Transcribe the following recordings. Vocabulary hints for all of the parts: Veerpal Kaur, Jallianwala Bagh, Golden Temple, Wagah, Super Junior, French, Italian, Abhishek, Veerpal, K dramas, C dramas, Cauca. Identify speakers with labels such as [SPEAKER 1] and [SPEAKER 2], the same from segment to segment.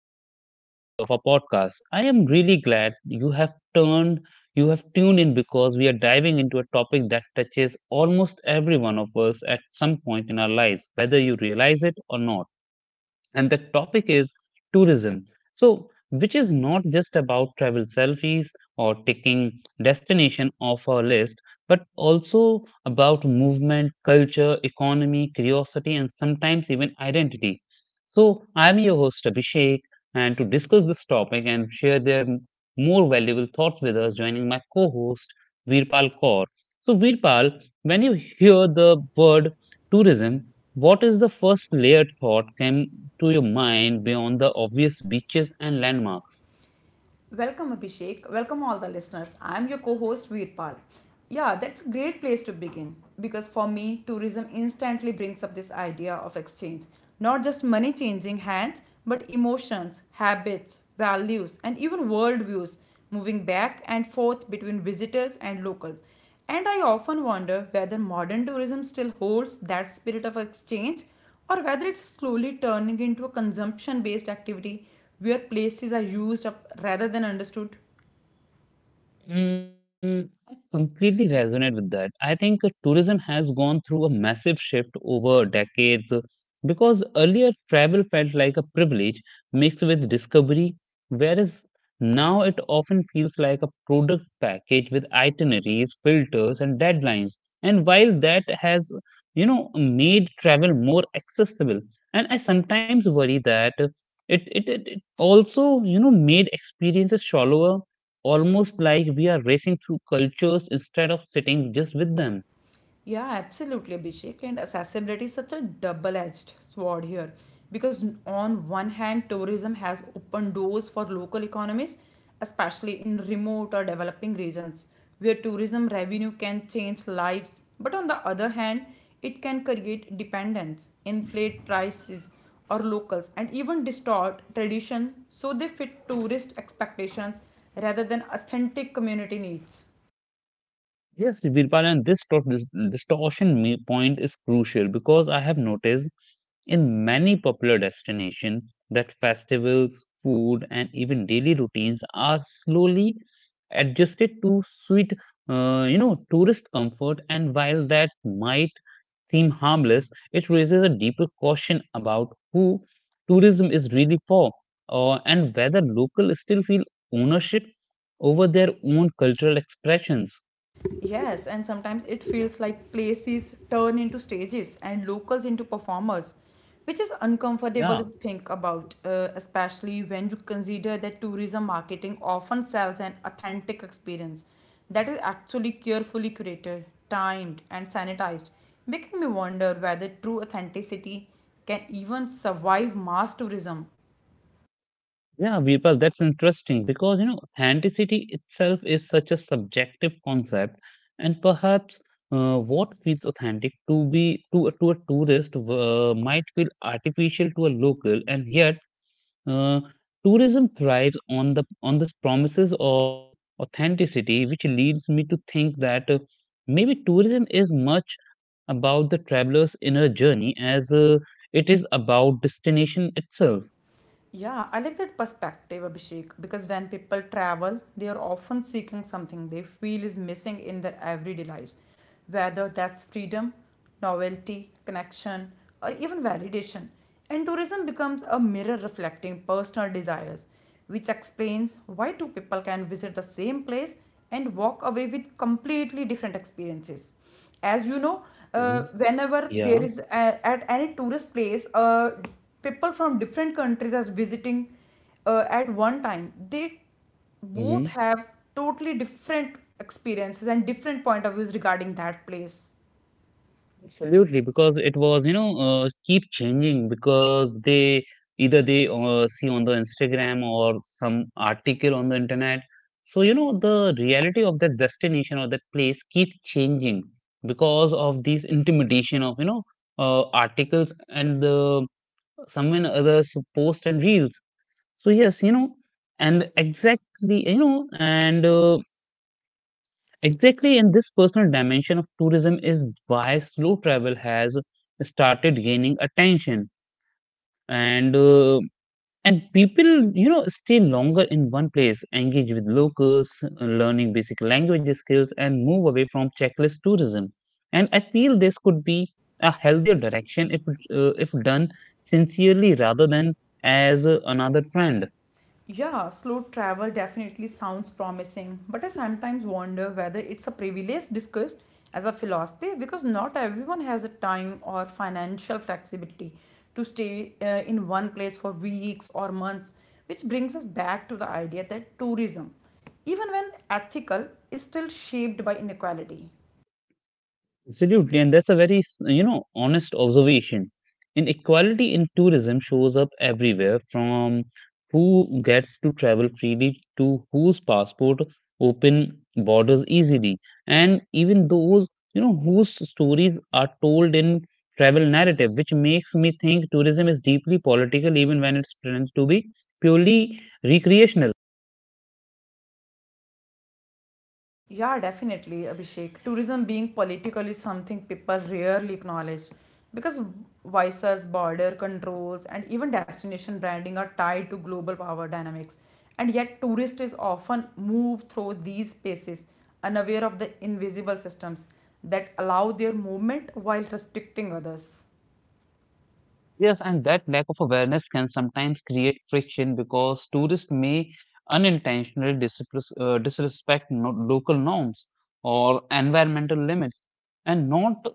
[SPEAKER 1] to a new episode of our podcast. I am really glad you have tuned in because we are diving into a topic that touches almost every one of us at some point in our lives, whether you realize it or not, and the topic is tourism. So, which is not just about travel selfies or taking destination off our list, but also about movement, culture, economy, curiosity, and sometimes even identity. So, I'm your host Abhishek, and to discuss this topic and share their more valuable thoughts with us, joining my co-host Veerpal Kaur. So, Veerpal, when you hear the word tourism, what is the first layered thought came to your mind beyond the obvious beaches and landmarks?
[SPEAKER 2] Welcome, Abhishek. Welcome, all the listeners. I'm your co host, Veerpal. Yeah, that's a great place to begin because for me, tourism instantly brings up this idea of exchange. Not just money changing hands, but emotions, habits, values, and even worldviews moving back and forth between visitors and locals. And I often wonder whether modern tourism still holds that spirit of exchange or whether it's slowly turning into a consumption based activity where places are used up rather than understood.
[SPEAKER 1] Mm, I completely resonate with that. I think tourism has gone through a massive shift over decades, because earlier travel felt like a privilege mixed with discovery, whereas now it often feels like a product package with itineraries, filters, and deadlines. And while that has made travel more accessible, and I sometimes worry that it also made experiences shallower, almost like we are racing through cultures instead of sitting just with them.
[SPEAKER 2] Yeah, absolutely, Abhishek. And accessibility is such a double edged sword here because, on one hand, tourism has opened doors for local economies, especially in remote or developing regions where tourism revenue can change lives. But on the other hand, it can create dependence, inflate prices or locals, and even distort tradition so they fit tourist expectations rather than authentic community needs.
[SPEAKER 1] Yes, Virpalan, this distortion point is crucial because I have noticed in many popular destinations that festivals, food, and even daily routines are slowly adjusted to suit tourist comfort. And while that might seem harmless, it raises a deeper question about who tourism is really for, and whether locals still feel ownership over their own cultural expressions.
[SPEAKER 2] Yes, and sometimes it feels like places turn into stages and locals into performers, which is uncomfortable
[SPEAKER 1] Yeah,
[SPEAKER 2] to think about, especially when you consider that tourism marketing often sells an authentic experience that is actually carefully curated, timed, and sanitized, making me wonder whether true authenticity can even survive mass tourism.
[SPEAKER 1] yeah, Virpal, that's interesting because authenticity itself is such a subjective concept, and perhaps what feels authentic to a tourist might feel artificial to a local, and yet Uh, tourism thrives on the on this promises of authenticity, which leads me to think that maybe tourism is much about the traveler's inner journey as it is about destination itself.
[SPEAKER 2] Yeah, I like that perspective, Abhishek, because when people travel, they are often seeking something they feel is missing in their everyday lives, whether that's freedom, novelty, connection, or even validation. And tourism becomes a mirror reflecting personal desires which explains why two people can visit the same place and walk away with completely different experiences. As you know,
[SPEAKER 1] Mhm.
[SPEAKER 2] whenever there
[SPEAKER 1] Yeah.
[SPEAKER 2] is at any tourist place, people from different countries are visiting at one time. They both
[SPEAKER 1] Mm-hmm.
[SPEAKER 2] have totally different experiences and different point of views regarding that place.
[SPEAKER 1] Absolutely, because it was keep changing because they either they see on the Instagram or some article on the internet. So the reality of that destination or that place keep changing because of these intimidation of articles and the someone others post and reels. So yes. and exactly, you know, and Exactly, and this personal dimension of tourism is why slow travel has started gaining attention, and people stay longer in one place, engage with locals, learning basic language skills, and move away from checklist tourism. And I feel this could be a healthier direction if, done sincerely rather than as another trend.
[SPEAKER 2] Yeah, slow travel definitely sounds promising, but I sometimes wonder whether it's a privilege discussed as a philosophy because not everyone has the time or financial flexibility to stay in one place for weeks or months, which brings us back to the idea that tourism, even when ethical, is still shaped by inequality.
[SPEAKER 1] Absolutely, and that's a very honest observation. Inequality in tourism shows up everywhere, from who gets to travel freely to whose passport open borders easily, and even those whose stories are told in travel narrative, which makes me think tourism is deeply political, even when it's pretends to be purely recreational.
[SPEAKER 2] Yeah, definitely, Abhishek. Tourism being political is something people rarely acknowledge because visas, border controls, and even destination branding are tied to global power dynamics. And yet, tourists is often move through these spaces unaware of the invisible systems that allow their movement while restricting others.
[SPEAKER 1] Yes, and that lack of awareness can sometimes create friction because tourists may unintentionally disrespect, disrespect no- local norms or environmental limits, and not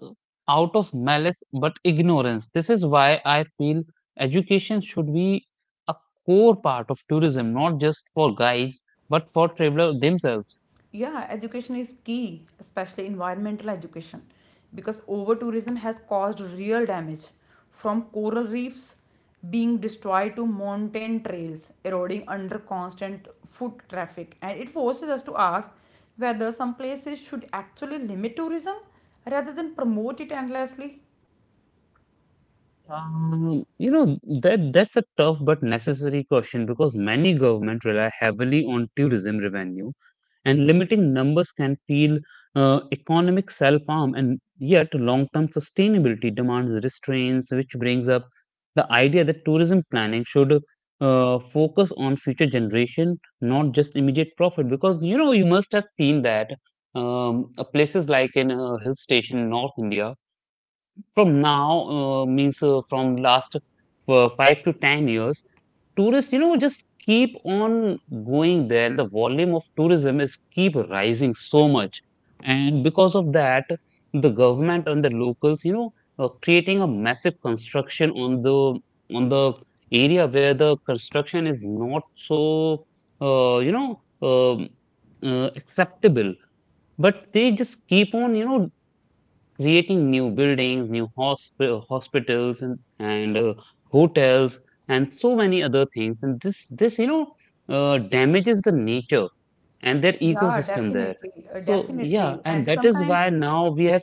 [SPEAKER 1] out of malice but ignorance. This is why I feel education should be a core part of tourism, not just for guides but for travelers themselves.
[SPEAKER 2] Yeah, education is key, especially environmental education, because over tourism has caused real damage, from coral reefs being destroyed to mountain trails eroding under constant foot traffic, and it forces us to ask whether some places should actually limit tourism rather than promote it endlessly.
[SPEAKER 1] Um, you know, that's a tough but necessary question because many governments rely heavily on tourism revenue, and limiting numbers can feed economic self-harm, and yet long-term sustainability demands restraints, which brings up the idea that tourism planning should focus on future generation, not just immediate profit. Because you must have seen that places like in a hill station in North India from now means from last 5 to 10 years, tourists just keep on going there. The volume of tourism is keep rising so much, and because of that the government and the locals creating a massive construction on the on the area where the construction is not so, you know um acceptable, but they just keep on creating new buildings, new hospitals, and hotels, and so many other things. And this damages the nature and their
[SPEAKER 2] Yeah,
[SPEAKER 1] ecosystem there.
[SPEAKER 2] definitely uh,
[SPEAKER 1] So, yeah,
[SPEAKER 2] definitely
[SPEAKER 1] and
[SPEAKER 2] and
[SPEAKER 1] that is why
[SPEAKER 2] sometimes.
[SPEAKER 1] now we have.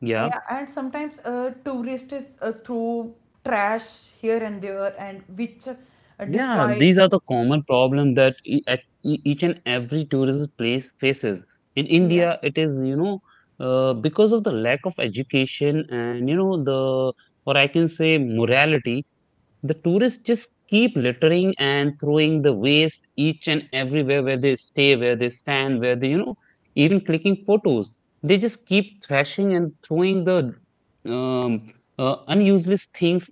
[SPEAKER 1] Yeah.
[SPEAKER 2] Yeah, and sometimes tourists throw trash here and there, and which
[SPEAKER 1] Yeah,
[SPEAKER 2] destroy.
[SPEAKER 1] these are
[SPEAKER 2] Which,
[SPEAKER 1] the
[SPEAKER 2] dest-
[SPEAKER 1] common problem that each and every tourist place faces. In
[SPEAKER 2] yeah,
[SPEAKER 1] India, it is because of the lack of education and you know the or I can say morality. The tourists just keep littering and throwing the waste each and everywhere where they stay, where they stand, where they even clicking photos. They just keep thrashing and throwing the um, unuseless things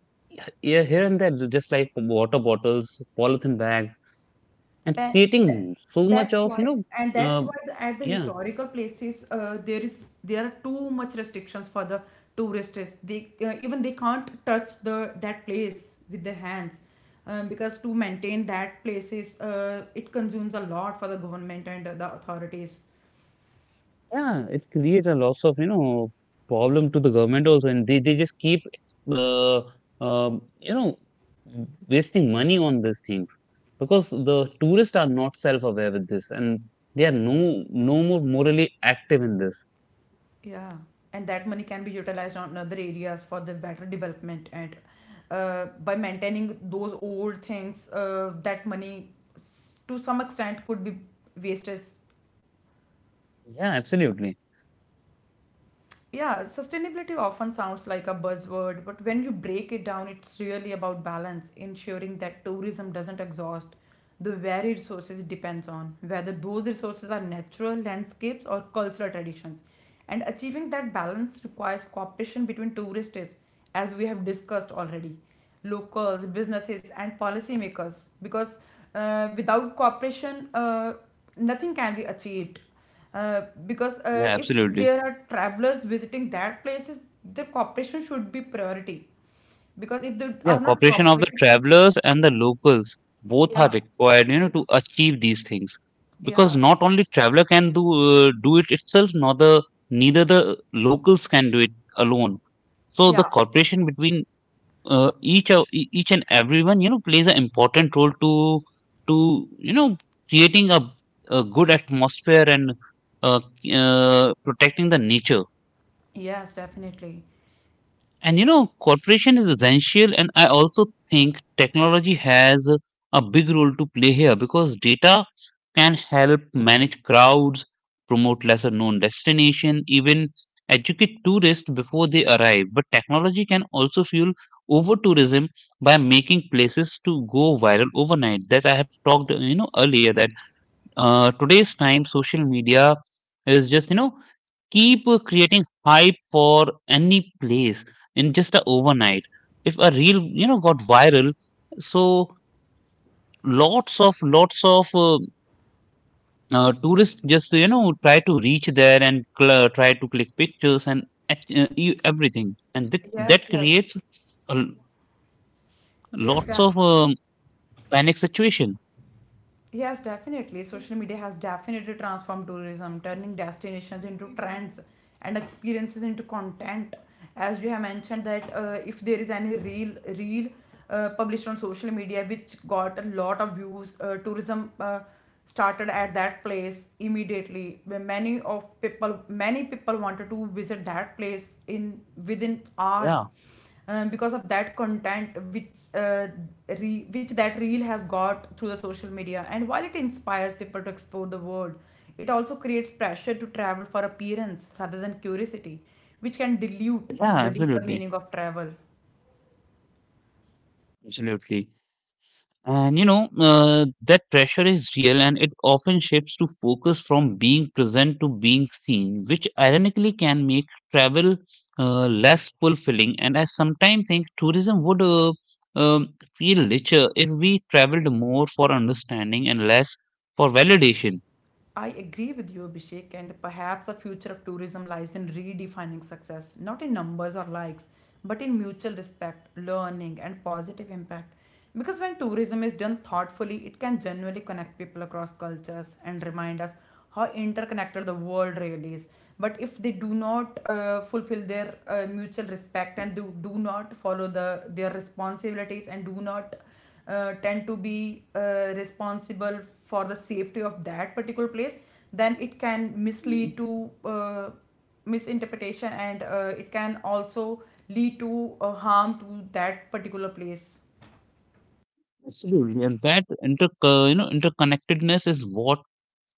[SPEAKER 1] here and there, just like water bottles, polythene bags, and
[SPEAKER 2] and th
[SPEAKER 1] creating so much
[SPEAKER 2] that's
[SPEAKER 1] of
[SPEAKER 2] why, and that's
[SPEAKER 1] uh,
[SPEAKER 2] why at the
[SPEAKER 1] yeah.
[SPEAKER 2] historical places there are too much restrictions for the tourists. They even they can't touch the that place with their hands. Because to maintain that places, it consumes a lot for the government and the authorities.
[SPEAKER 1] Yeah, it creates a loss of problem to the government also, and they just keep, uh, um, you know, wasting money on these things because the tourists are not self-aware with this, and they are no more morally active in this.
[SPEAKER 2] Yeah, and that money can be utilized on other areas for the better development and by maintaining those old things, that money s- to some extent could be wasted.
[SPEAKER 1] Yeah, absolutely.
[SPEAKER 2] Yeah, sustainability often sounds like a buzzword, but when you break it down, it's really about balance, ensuring that tourism doesn't exhaust the very resources it depends on, whether those resources are natural landscapes or cultural traditions. And achieving that balance requires cooperation between tourists, as we have discussed already, locals, businesses, and policymakers, because without cooperation, nothing can be achieved, uh, because
[SPEAKER 1] Yeah,
[SPEAKER 2] if
[SPEAKER 1] absolutely.
[SPEAKER 2] there are travelers visiting that places, the cooperation should be priority because if they
[SPEAKER 1] Yeah,
[SPEAKER 2] are not
[SPEAKER 1] cooperation of the
[SPEAKER 2] cooperating.
[SPEAKER 1] travelers and the locals both are
[SPEAKER 2] Yeah.
[SPEAKER 1] required to achieve these things. Because
[SPEAKER 2] Yeah.
[SPEAKER 1] not only traveler can do it itself, nor the neither the locals can do it alone. So the
[SPEAKER 2] Yeah.
[SPEAKER 1] cooperation between each and everyone, plays an important role to to you know creating a, good atmosphere and uh, protecting the nature.
[SPEAKER 2] Yes, definitely.
[SPEAKER 1] And cooperation is essential, and I also think technology has a big role to play here because data can help manage crowds, promote lesser known destination, even educate tourists before they arrive. But technology can also fuel over tourism by making places to go viral overnight. That I have talked earlier, that today's time social media is just keep creating hype for any place in just a overnight if a reel got viral. So, lots of tourists just try to reach there and try to click pictures and everything, and that
[SPEAKER 2] Yes.
[SPEAKER 1] that
[SPEAKER 2] Yes.
[SPEAKER 1] creates a lots
[SPEAKER 2] yes
[SPEAKER 1] of
[SPEAKER 2] def
[SPEAKER 1] panic situation.
[SPEAKER 2] Yes, definitely. Social media has definitely transformed tourism, turning destinations into trends and experiences into content. As you have mentioned that if there is any real published on social media which got a lot of views, tourism started at that place immediately. Where Many of people, many people wanted to visit that place in within
[SPEAKER 1] Yeah,
[SPEAKER 2] hours, because of that content which that reel has got through the social media. And while it inspires people to explore the world, it also creates pressure to travel for appearance rather than curiosity, which can dilute
[SPEAKER 1] yeah,
[SPEAKER 2] the deeper
[SPEAKER 1] absolutely,
[SPEAKER 2] meaning of travel.
[SPEAKER 1] absolutely. And that pressure is real, and it often shifts to focus from being present to being seen, which ironically can make travel less fulfilling. And I sometimes think tourism would feel richer if we traveled more for understanding and less for validation.
[SPEAKER 2] I agree with you, Abhishek, and perhaps the future of tourism lies in redefining success, not in numbers or likes, but in mutual respect, learning, and positive impact. Because when tourism is done thoughtfully, it can genuinely connect people across cultures and remind us how interconnected the world really is. But if they do not fulfill their mutual respect and do not follow the their responsibilities and do not tend to be responsible for the safety of that particular place, then it can
[SPEAKER 1] Mhm.
[SPEAKER 2] mislead to misinterpretation and it can also lead to harm to that particular place.
[SPEAKER 1] Absolutely. And that interconnectedness is what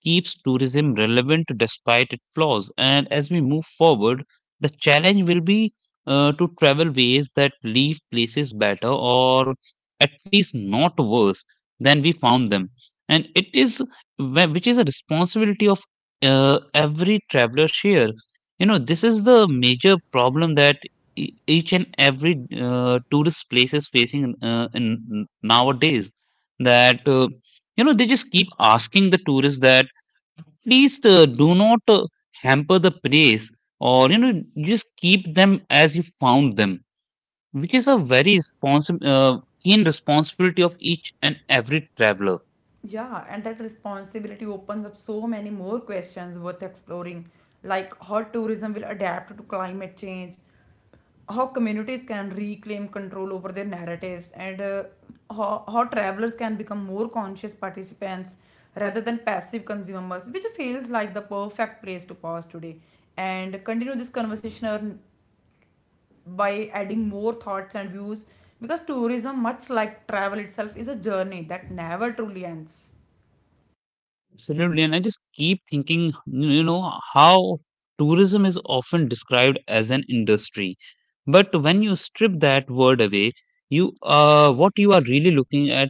[SPEAKER 1] keeps tourism relevant despite its flaws. And as we move forward, the challenge will be to travel ways that leave places better, or at least not worse than we found them. And which is a responsibility of every traveler share. This is the major problem that each and every tourist place is facing in nowadays. That they just keep asking the tourists that, please, do not hamper the praise, or just keep them as you found them, which is a very keen responsibility of each and every traveler.
[SPEAKER 2] Yeah, and that responsibility opens up so many more questions worth exploring, like how tourism will adapt to climate change, how communities can reclaim control over their narratives, and how travelers can become more conscious participants rather than passive consumers, which feels like the perfect place to pause today and continue this conversation on- by adding more thoughts and views, because tourism, much like travel itself, is a journey that never truly ends.
[SPEAKER 1] Absolutely, and I just keep thinking how tourism is often described as an industry. But when you strip that word away, you what you are really looking at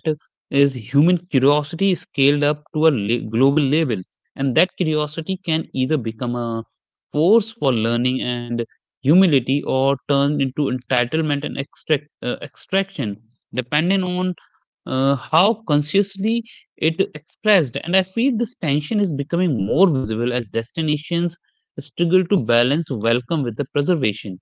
[SPEAKER 1] is human curiosity scaled up to a global level, and that curiosity can either become a force for learning and humility, or turn into entitlement and extraction, depending on how consciously it expressed. And I feel this tension is becoming more visible as destinations struggle to balance welcome with the preservation.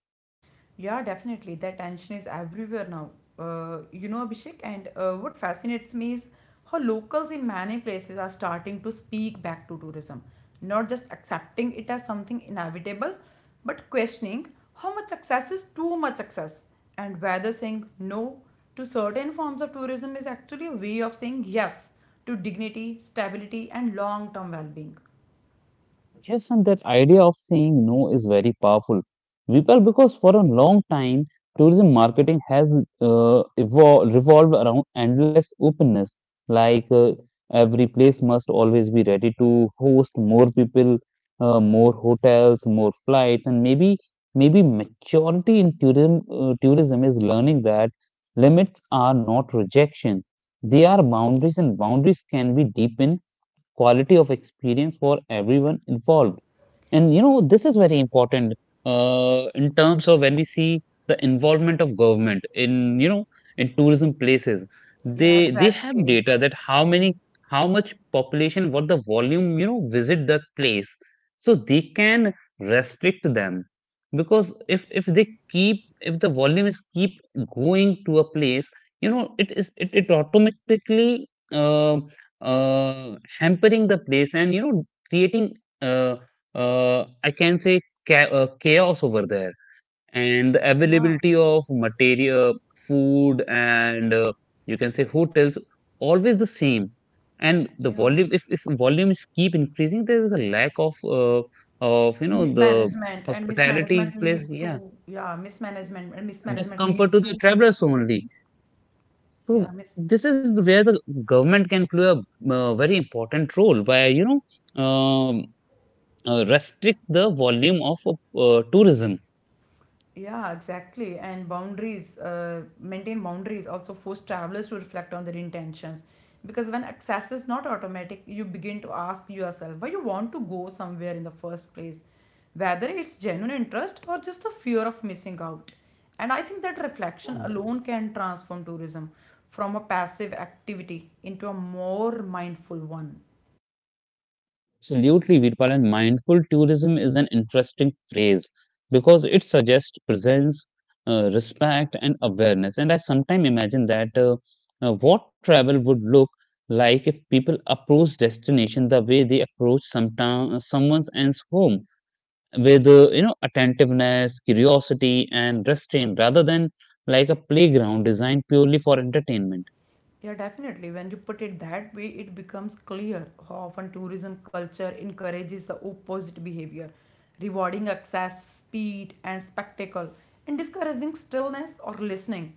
[SPEAKER 2] Yeah, definitely. That tension is everywhere now. You know, Abhishek, and what fascinates me is how locals in many places are starting to speak back to tourism, not just accepting it as something inevitable, but questioning how much access is too much access, and whether saying no to certain forms of tourism is actually a way of saying yes to dignity, stability, and long term well being.
[SPEAKER 1] Yes, and that idea of saying no is very powerful. Vipal, because for a long time, tourism marketing has evol revolved around endless openness. Like, every place must always be ready to host more people, more hotels, more flights, and maybe maturity in tourism is learning that limits are not rejection. They are boundaries, and boundaries can be deepened quality of experience for everyone involved. And this is very important in terms of when we see the involvement of government in tourism places.
[SPEAKER 2] Yeah,
[SPEAKER 1] They have
[SPEAKER 2] exactly.
[SPEAKER 1] data that how many, how much population, what the volume visit the place, so they can restrict them because if they keep if the volume is keep going to a place, it automatically hampering the place and creating. Uh, I can say chaos over there, and the
[SPEAKER 2] Yeah,
[SPEAKER 1] availability of material, food, and you can say hotels always the same. And the
[SPEAKER 2] yeah.
[SPEAKER 1] volume, if volumes keep increasing, there is a lack of the hospitality place. Yeah,
[SPEAKER 2] Mismanagement and mismanagement
[SPEAKER 1] discomfort
[SPEAKER 2] leads
[SPEAKER 1] to the
[SPEAKER 2] to
[SPEAKER 1] travelers only. So
[SPEAKER 2] yeah, mis
[SPEAKER 1] this is where the government can play a very important role by restrict the volume of tourism.
[SPEAKER 2] yeah, exactly. And boundaries, maintain boundaries also force travelers to reflect on their intentions. Because when access is not automatic, you begin to ask yourself why you want to go somewhere in the first place, whether it's genuine interest or just the fear of missing out. And I think that reflection
[SPEAKER 1] Mm.
[SPEAKER 2] alone can transform tourism from a passive activity into a more mindful one.
[SPEAKER 1] Absolutely, Virpal, and mindful tourism is an interesting phrase because it suggests presence, respect, and awareness. And I sometimes imagine that what travel would look like if people approach destination the way they approach someone's else home, with attentiveness, curiosity, and restraint, rather than like a playground designed purely for entertainment.
[SPEAKER 2] Yeah, definitely. When you put it that way, it becomes clear how often tourism culture encourages the opposite behavior, rewarding excess, speed, and spectacle, and discouraging stillness or listening.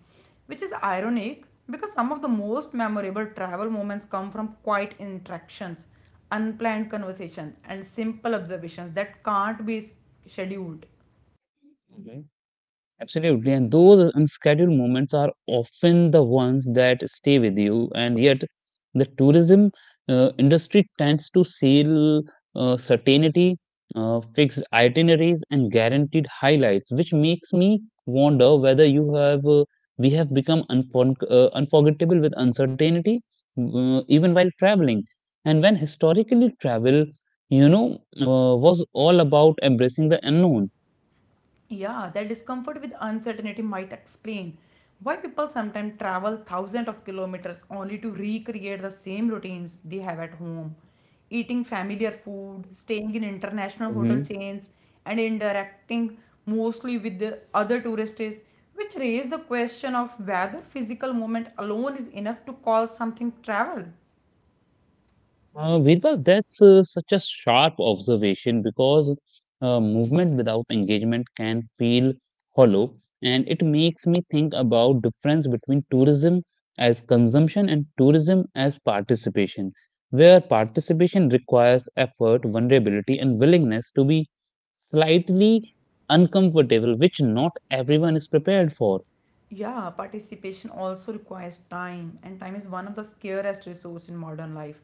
[SPEAKER 2] Which is ironic because some of the most memorable travel moments come from quiet interactions, unplanned conversations, and simple observations that can't be scheduled.
[SPEAKER 1] Okay. Absolutely. And those unscheduled moments are often the ones that stay with you. And yet, the tourism industry tends to sell certainty, fixed itineraries, and guaranteed highlights, which makes me wonder whether you have we have become unforgettable with uncertainty, even while traveling. And when historically travel, was all about embracing the unknown.
[SPEAKER 2] Yeah, that discomfort with uncertainty might explain why people sometimes travel thousands of kilometers only to recreate the same routines they have at home. Eating familiar food, staying in international hotel
[SPEAKER 1] Hmm.
[SPEAKER 2] chains, and interacting mostly with the other tourists, which raise the question of whether physical movement alone is enough to call something travel.
[SPEAKER 1] Birbal, that's such a sharp observation because movement without engagement can feel hollow, and it makes me think about difference between tourism as consumption and tourism as participation, where participation requires effort, vulnerability, and willingness to be slightly uncomfortable, which not everyone is prepared for.
[SPEAKER 2] Yeah, participation also requires time, and time is one of the scarcest resource in modern life,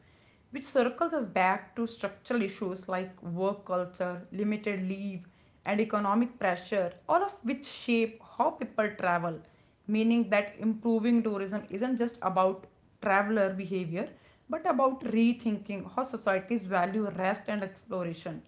[SPEAKER 2] which circles us back to structural issues like work culture, limited leave, and economic pressure, all of which shape how people travel, meaning that improving tourism isn't just about traveler behavior, but about rethinking how societies value rest and exploration.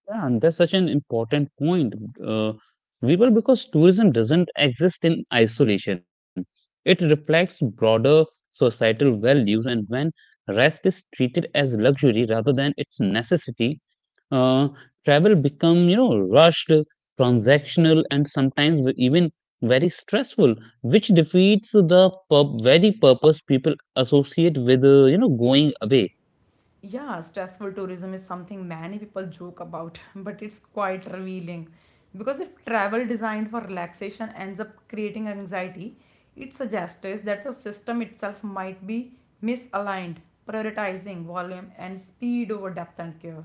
[SPEAKER 1] Yeah, and that's such an important point, uh, Veeral, because tourism doesn't exist in isolation. It reflects broader societal values, and when rest is treated as luxury rather than its necessity, uh, travel become rushed, transactional, and sometimes even very stressful, which defeats the very purpose people associate with going away.
[SPEAKER 2] Yeah, stressful tourism is something many people joke about, but it's quite revealing. Because if travel designed for relaxation ends up creating anxiety, it suggests that the system itself might be misaligned, prioritizing volume and speed over depth and care.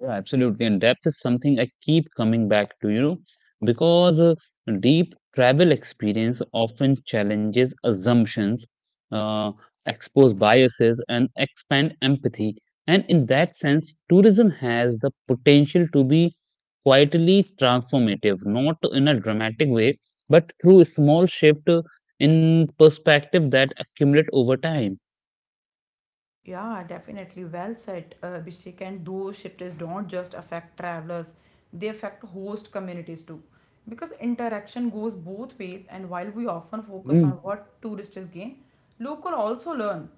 [SPEAKER 1] Yeah, absolutely. And depth is something I keep coming back to, because deep travel experience often challenges assumptions, uh, expose biases, and expand empathy. And in that sense, tourism has the potential to be quietly transformative, not in a dramatic way, but through a small shift in perspective that accumulate over time.
[SPEAKER 2] Yeah, definitely. Well said, Abhishek. And those shifters don't just affect travelers, they affect host communities too. Because interaction goes both ways, and while we often focus on
[SPEAKER 1] Mm.
[SPEAKER 2] what tourists gain, local also learn,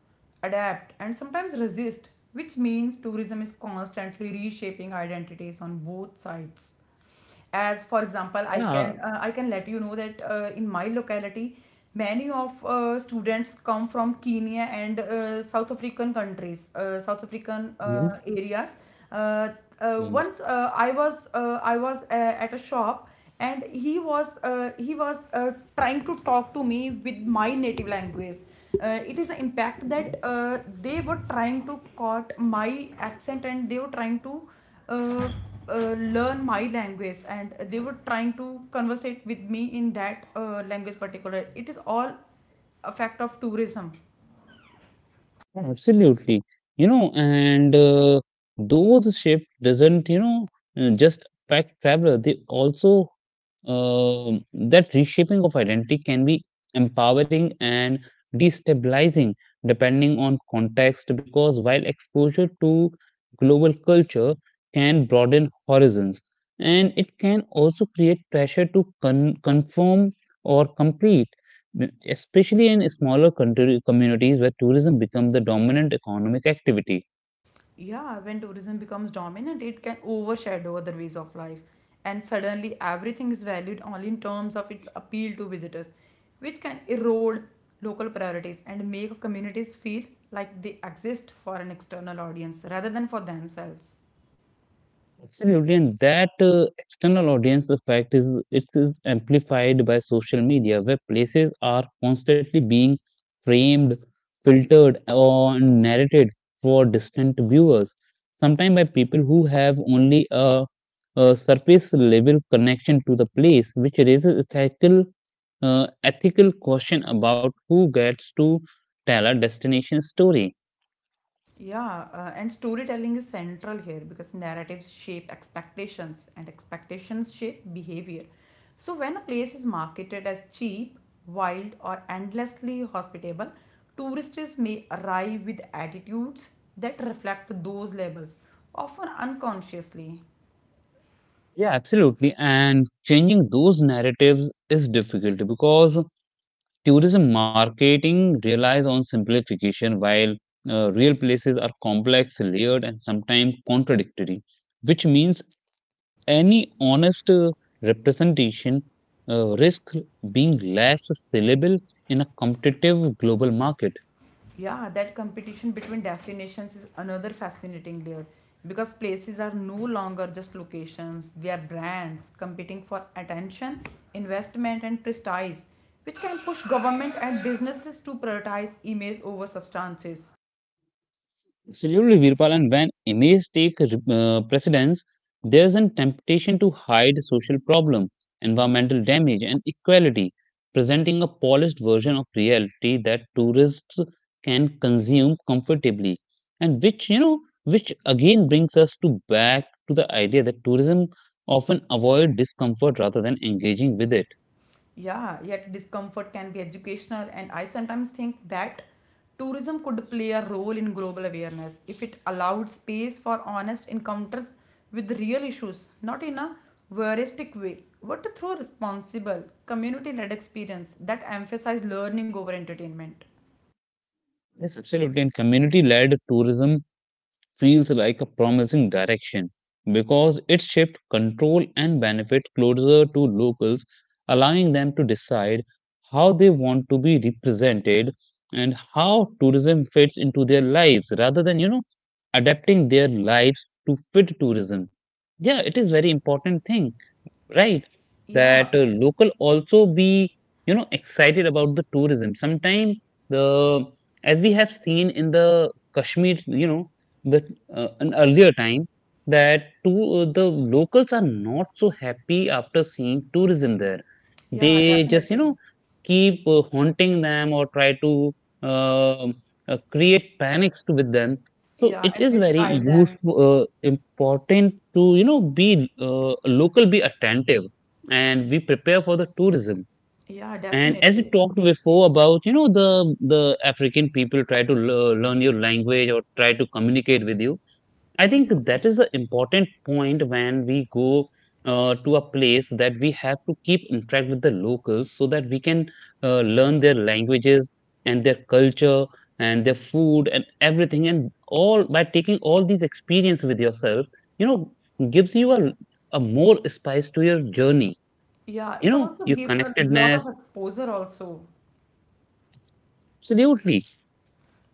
[SPEAKER 2] adapt, and sometimes resist, which means tourism is constantly reshaping identities on both sides. As for example, i
[SPEAKER 1] Yeah.
[SPEAKER 2] can uh, i can let you know that in my locality, many of students come from Kenya and south african
[SPEAKER 1] Mhm.
[SPEAKER 2] areas. Uh, uh, once uh, i was uh, i was at a shop, and he was trying to talk to me with my native language. It is an impact
[SPEAKER 1] Mhm.
[SPEAKER 2] that they were trying to caught my accent, and they were trying to uh, learn my language, and they were trying to conversate with me in that language particular. It is all a fact of tourism.
[SPEAKER 1] Yeah, absolutely. You know, and those ships doesn't, just affect traveler, they also uh, that reshaping of identity can be empowering and destabilizing depending on context because while exposure to global culture can broaden horizons, and it can also create pressure to conform or complete, especially in smaller country communities where tourism becomes the dominant economic activity.
[SPEAKER 2] Yeah, when tourism becomes dominant, it can overshadow other ways of life, and suddenly everything is valued only in terms of its appeal to visitors, which can erode local priorities and make communities feel like they exist for an external audience rather than for themselves.
[SPEAKER 1] Absolutely, and that external audience effect is amplified by social media, where places are constantly being framed, filtered, or narrated for distant viewers. Sometimes by people who have only a surface level connection to the place, which raises ethical question about who gets to tell a destination story.
[SPEAKER 2] Yeah, and storytelling is central here because narratives shape expectations and expectations shape behavior. So, when a place is marketed as cheap, wild, or endlessly hospitable, tourists may arrive with attitudes that reflect those labels, often unconsciously.
[SPEAKER 1] Yeah, absolutely. And changing those narratives is difficult because tourism marketing relies on simplification while real places are complex, layered, and sometimes contradictory, which means any honest representation risks being less sellable in a competitive global market.
[SPEAKER 2] Yeah, that competition between destinations is another fascinating layer, because places are no longer just locations. They are brands competing for attention, investment, and prestige, which can push government and businesses to prioritize image over substances.
[SPEAKER 1] Absolutely, Virpal. And when images take precedence, there's a temptation to hide social problem, environmental damage, and equality, presenting a polished version of reality that tourists can consume comfortably. And which again brings us to back to the idea that tourism often avoid discomfort rather than engaging with it.
[SPEAKER 2] Yeah, yet discomfort can be educational, and I sometimes think that tourism could play a role in global awareness if it allowed space for honest encounters with real issues, not in a voyeuristic way, but through responsible, community led experience that emphasize learning over entertainment.
[SPEAKER 1] Yes, absolutely. And community-led tourism feels like a promising direction because it shifts control and benefit closer to locals, allowing them to decide how they want to be represented and how tourism fits into their lives rather than, adapting their lives to fit tourism. Yeah, it is very important thing, right?
[SPEAKER 2] Yeah,
[SPEAKER 1] That local also be excited about the tourism. Sometimes the as we have seen in the Kashmir, you know the an earlier time that to the locals are not so happy after seeing tourism there.
[SPEAKER 2] yeah,
[SPEAKER 1] They just
[SPEAKER 2] definitely.
[SPEAKER 1] keep haunting them or try to um create panics to with them. So
[SPEAKER 2] Yeah,
[SPEAKER 1] it
[SPEAKER 2] and
[SPEAKER 1] is very
[SPEAKER 2] misguide them.
[SPEAKER 1] useful, important to be uh, local, be attentive, and we prepare for the tourism.
[SPEAKER 2] Yeah,
[SPEAKER 1] And as we
[SPEAKER 2] definitely.
[SPEAKER 1] talked before about the African people try to learn your language or try to communicate with you. I think that is the important point when we go to a place that we have to keep interact with the locals so that we can learn their languages and their culture and their food and everything, and all by taking all these experience with yourself, you know, gives you a more spice to your journey.
[SPEAKER 2] Yeah, it
[SPEAKER 1] You know,
[SPEAKER 2] also
[SPEAKER 1] your
[SPEAKER 2] gives a lot of
[SPEAKER 1] connectedness.
[SPEAKER 2] exposure also.
[SPEAKER 1] Absolutely.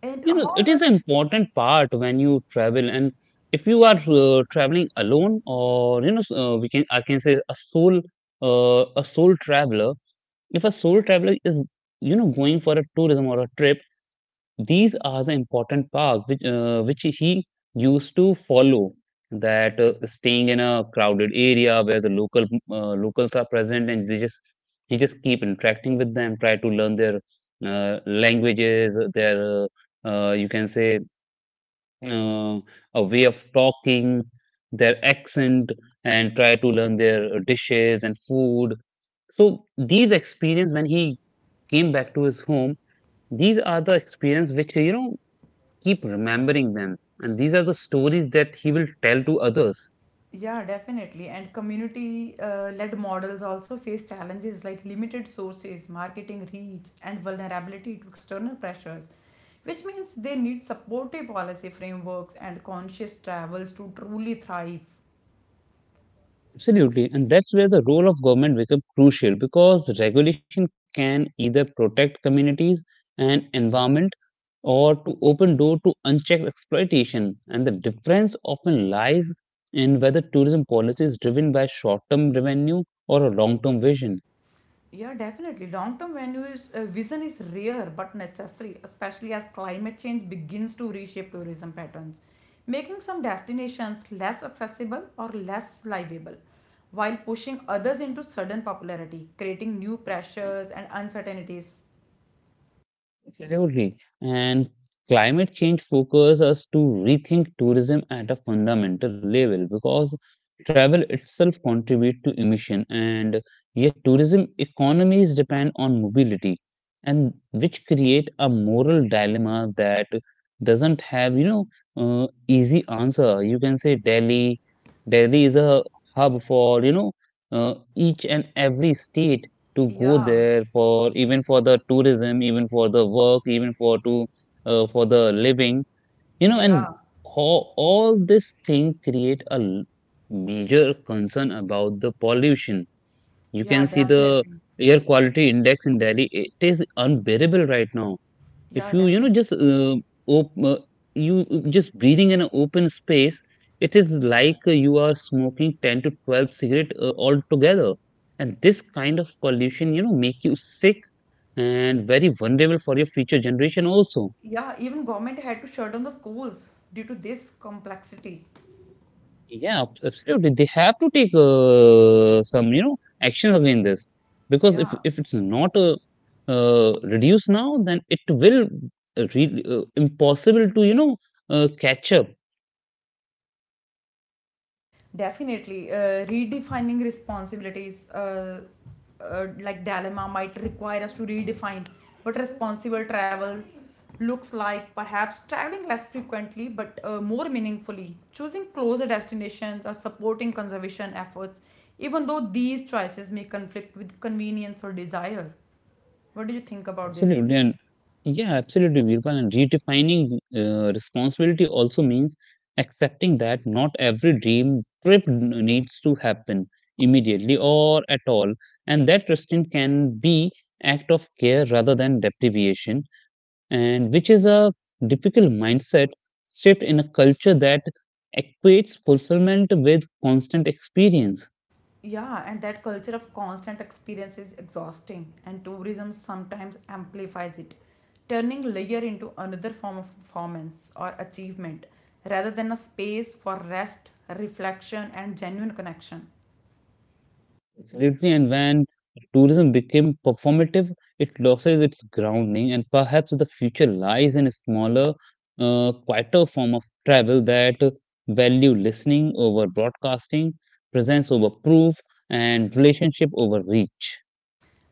[SPEAKER 2] And
[SPEAKER 1] You know it is
[SPEAKER 2] however,
[SPEAKER 1] an important part when you travel, and if you are traveling alone, or we can I can say a sole traveler. If a sole traveler is going for a tourism or a trip, these are the important parts which he used to follow. That staying in a crowded area where the locals are present, and they just he just keep interacting with them, try to learn their uh, languages, their you can say uh, a way of talking, their accent, and try to learn their dishes and food. So these experience, when he came back to his home, these are the experience which keep remembering them, and these are the stories that he will tell to others.
[SPEAKER 2] yeah, definitely. And community led models also face challenges like limited sources, marketing reach, and vulnerability to external pressures, which means they need supportive policy frameworks and conscious travels to truly thrive.
[SPEAKER 1] Absolutely, and that's where the role of government becomes crucial, because regulation can either protect communities and environment or to open door to unchecked exploitation. And the difference often lies in whether tourism policy is driven by short-term revenue or a long-term vision.
[SPEAKER 2] Yeah, definitely. Long term venue is, vision is rare but necessary, especially as climate change begins to reshape tourism patterns, making some destinations less accessible or less livable, while pushing others into sudden popularity, creating new pressures and uncertainties.
[SPEAKER 1] Absolutely. And climate change focuses us to rethink tourism at a fundamental level because travel itself contributes to emission, and yet tourism economies depend on mobility, and which create a moral dilemma that doesn't have, easy answer. You can say Delhi is a hub for, each and every state to go
[SPEAKER 2] Yeah,
[SPEAKER 1] there, for even for the tourism, even for the work, even for to for the living, and
[SPEAKER 2] yeah,
[SPEAKER 1] all this thing create major concern about the pollution. You
[SPEAKER 2] yeah,
[SPEAKER 1] can see the
[SPEAKER 2] definitely.
[SPEAKER 1] air quality index in Delhi; it is unbearable right now. If
[SPEAKER 2] Yeah,
[SPEAKER 1] you you know
[SPEAKER 2] definitely.
[SPEAKER 1] just op- uh, you just breathing in an open space, it is like you are smoking 10 to 12 cigarette altogether, and this kind of pollution, make you sick and very vulnerable for your future generation also.
[SPEAKER 2] Yeah, even government had to shut down the schools due to this complexity.
[SPEAKER 1] Yeah, absolutely. They have to take some, action against this because if
[SPEAKER 2] Yeah.
[SPEAKER 1] if it's not reduced now, then it will impossible to, catch up.
[SPEAKER 2] Definitely, redefining responsibilities, like dilemma, might require us to redefine what responsible travel looks like. Perhaps traveling less frequently but more meaningfully, choosing closer destinations or supporting conservation efforts, even though these choices may conflict with convenience or desire. What do you think about this?
[SPEAKER 1] Absolutely, and yeah, absolutely, Birpal. And redefining responsibility also means accepting that not every dream trip needs to happen immediately or at all, and that restraint can be act of care rather than deprivation, and which is a difficult mindset shift in a culture that equates fulfillment with constant experience.
[SPEAKER 2] Yeah, and that culture of constant experience is exhausting, and tourism sometimes amplifies it, turning leisure into another form of performance or achievement rather than a space for rest, reflection, and genuine connection.
[SPEAKER 1] Absolutely, and when tourism became performative, it loses its grounding, and perhaps the future lies in a smaller, quieter form of travel that value listening over broadcasting, presence over proof, and relationship over reach.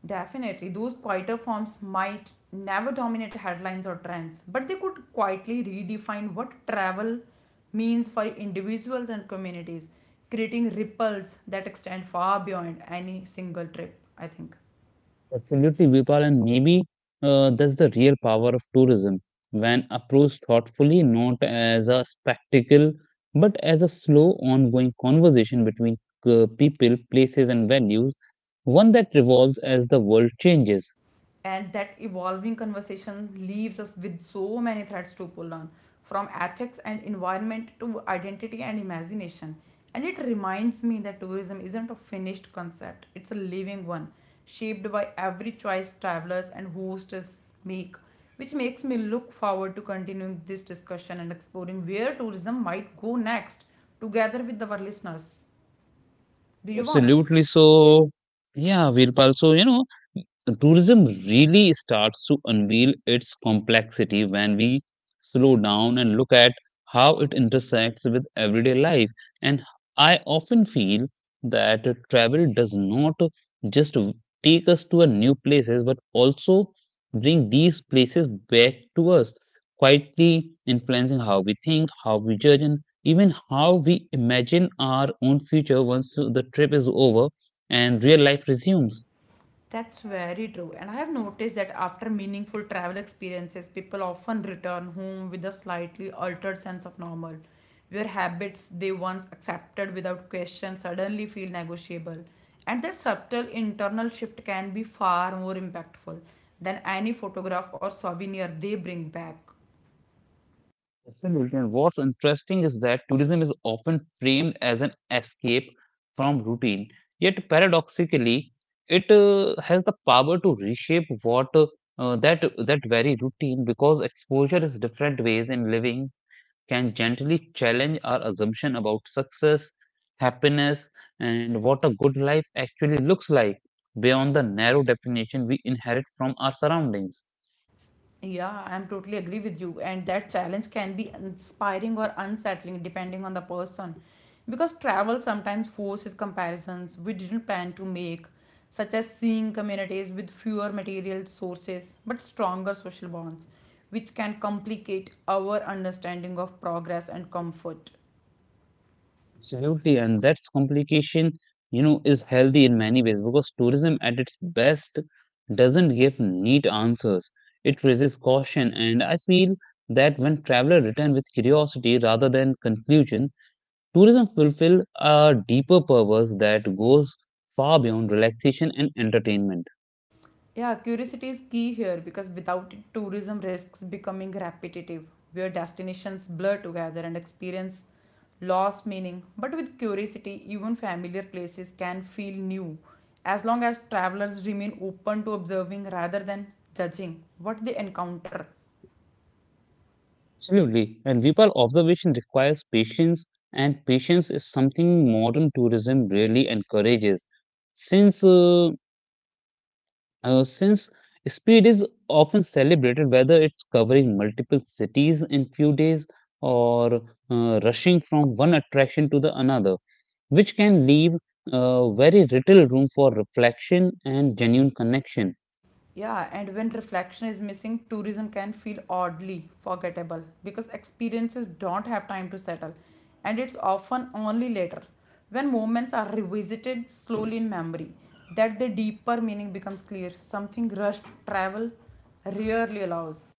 [SPEAKER 2] Definitely, those quieter forms might never dominate headlines or trends, but they could quietly redefine what travel means for individuals and communities, creating ripples that extend far beyond any single trip, I think.
[SPEAKER 1] Absolutely, Vipal, and maybe that's the real power of tourism when approached thoughtfully, not as a spectacle, but as a slow, ongoing conversation between people, places, and values, one that revolves as the world changes.
[SPEAKER 2] And that evolving conversation leaves us with so many threads to pull on, from ethics and environment to identity and imagination. And it reminds me that tourism isn't a finished concept, it's a living one, shaped by every choice travelers and hosts make, which makes me look forward to continuing this discussion and exploring where tourism might go next together with our listeners. Do you want?
[SPEAKER 1] Absolutely. So, yeah, Vipal. So, tourism really starts to unveil its complexity when we slow down and look at how it intersects with everyday life. And I often feel that travel does not just take us to a new places, but also bring these places back to us, quietly influencing how we think, how we judge, and even how we imagine our own future once the trip is over and real life resumes.
[SPEAKER 2] That's very true. And I have noticed that after meaningful travel experiences, people often return home with a slightly altered sense of normal, where habits they once accepted without question suddenly feel negotiable. And that subtle internal shift can be far more impactful than any photograph or souvenir they bring back.
[SPEAKER 1] Absolutely. And what's interesting is that tourism is often framed as an escape from routine, yet paradoxically, it has the power to reshape what that that very routine, because exposure is different ways in living can gently challenge our assumption about success, happiness, and what a good life actually looks like beyond the narrow definition we inherit from our surroundings.
[SPEAKER 2] Yeah, I'm totally agree with you. And that challenge can be inspiring or unsettling depending on the person, because travel sometimes forces comparisons we didn't plan to make, such as seeing communities with fewer material sources but stronger social bonds, which can complicate our understanding of progress and comfort.
[SPEAKER 1] Absolutely, and that's complication, is healthy in many ways because tourism at its best doesn't give neat answers. It raises caution, and I feel that when travelers return with curiosity rather than conclusion, tourism fulfill a deeper purpose that goes far beyond relaxation and entertainment.
[SPEAKER 2] Yeah, curiosity is key here because without it, tourism risks becoming repetitive, where destinations blur together and experience lost meaning. But with curiosity, even familiar places can feel new, as long as travelers remain open to observing rather than judging what they encounter.
[SPEAKER 1] Absolutely, and Vipal, observation requires patience, and patience is something modern tourism really encourages since uh, since speed is often celebrated, whether it's covering multiple cities in few days or rushing from one attraction to the another, which can leave very little room for reflection and genuine connection.
[SPEAKER 2] Yeah, and when reflection is missing, tourism can feel oddly forgettable because experiences don't have time to settle, and it's often only later, when moments are revisited slowly in memory, that the deeper meaning becomes clear. Something rushed travel rarely allows.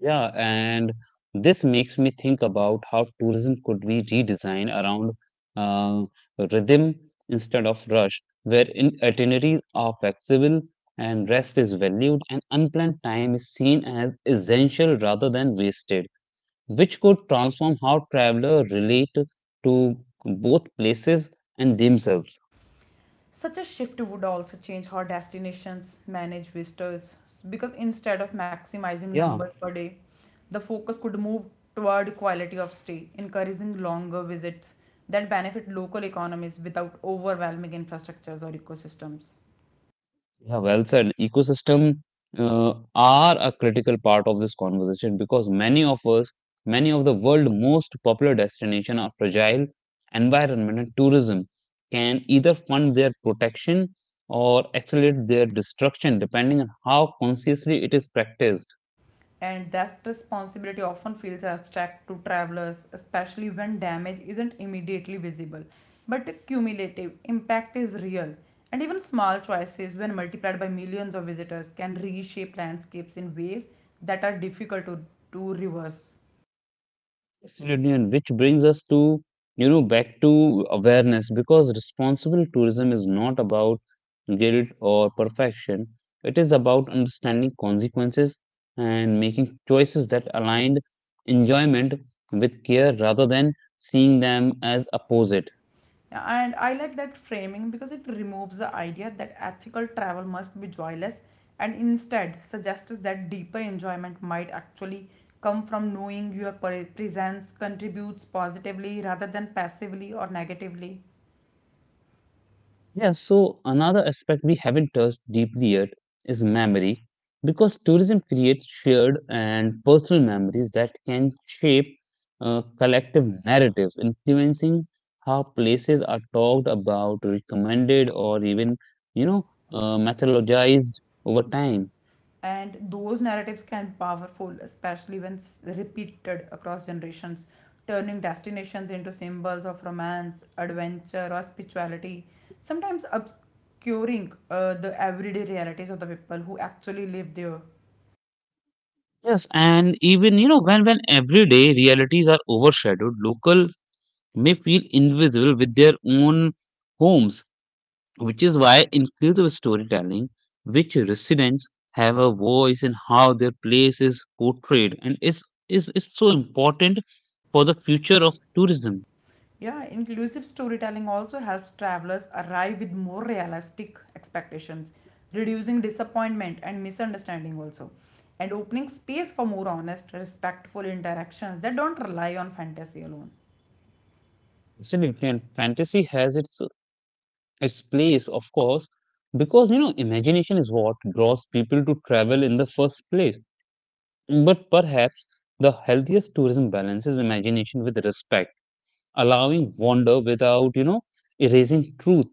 [SPEAKER 1] Yeah, and this makes me think about how tourism could be redesigned around uh, rhythm instead of rush, where in itineraries are flexible and rest is valued, and unplanned time is seen as essential rather than wasted, which could transform how travelers relate to both places and themselves.
[SPEAKER 2] Such a shift would also change how destinations manage visitors, because instead of maximizing
[SPEAKER 1] Yeah.
[SPEAKER 2] numbers per day, the focus could move toward quality of stay, encouraging longer visits that benefit local economies without overwhelming infrastructures or ecosystems.
[SPEAKER 1] Yeah, well said. Ecosystem are a critical part of this conversation because many of the world's most popular destinations are fragile. Environment and tourism can either fund their protection or accelerate their destruction, depending on how consciously it is practiced.
[SPEAKER 2] And that responsibility often feels abstract to travelers, especially when damage isn't immediately visible. But the cumulative impact is real, and even small choices, when multiplied by millions of visitors, can reshape landscapes in ways that are difficult to reverse.
[SPEAKER 1] Absolutely, and which brings us to, you know, back to awareness because responsible tourism is not about guilt or perfection. It is about understanding consequences and making choices that aligned enjoyment with care rather than seeing them as opposite.
[SPEAKER 2] Yeah, and I like that framing because it removes the idea that ethical travel must be joyless, and instead suggests that deeper enjoyment might actually come from knowing your presence contributes positively rather than passively or negatively.
[SPEAKER 1] Yeah, so another aspect we haven't touched deeply yet is memory, because tourism creates shared and personal memories that can shape collective narratives, influencing how places are talked about, recommended, or even, you know, mythologized over time.
[SPEAKER 2] And those narratives can be powerful, especially when repeated across generations, turning destinations into symbols of romance, adventure, or spirituality, sometimes obscuring the everyday realities of the people who actually live there.
[SPEAKER 1] Yes, and even, you know, when everyday realities are overshadowed, local may feel invisible with their own homes, which is why inclusive storytelling, which residents have a voice in how their place is portrayed, and is so important for the future of tourism.
[SPEAKER 2] Yeah, inclusive storytelling also helps travelers arrive with more realistic expectations, reducing disappointment and misunderstanding also, and opening space for more honest, respectful interactions that don't rely on fantasy alone.
[SPEAKER 1] Absolutely, and fantasy has its place, of course, because you know imagination is what draws people to travel in the first place. But perhaps the healthiest tourism balances imagination with respect, allowing wonder without you know erasing truth.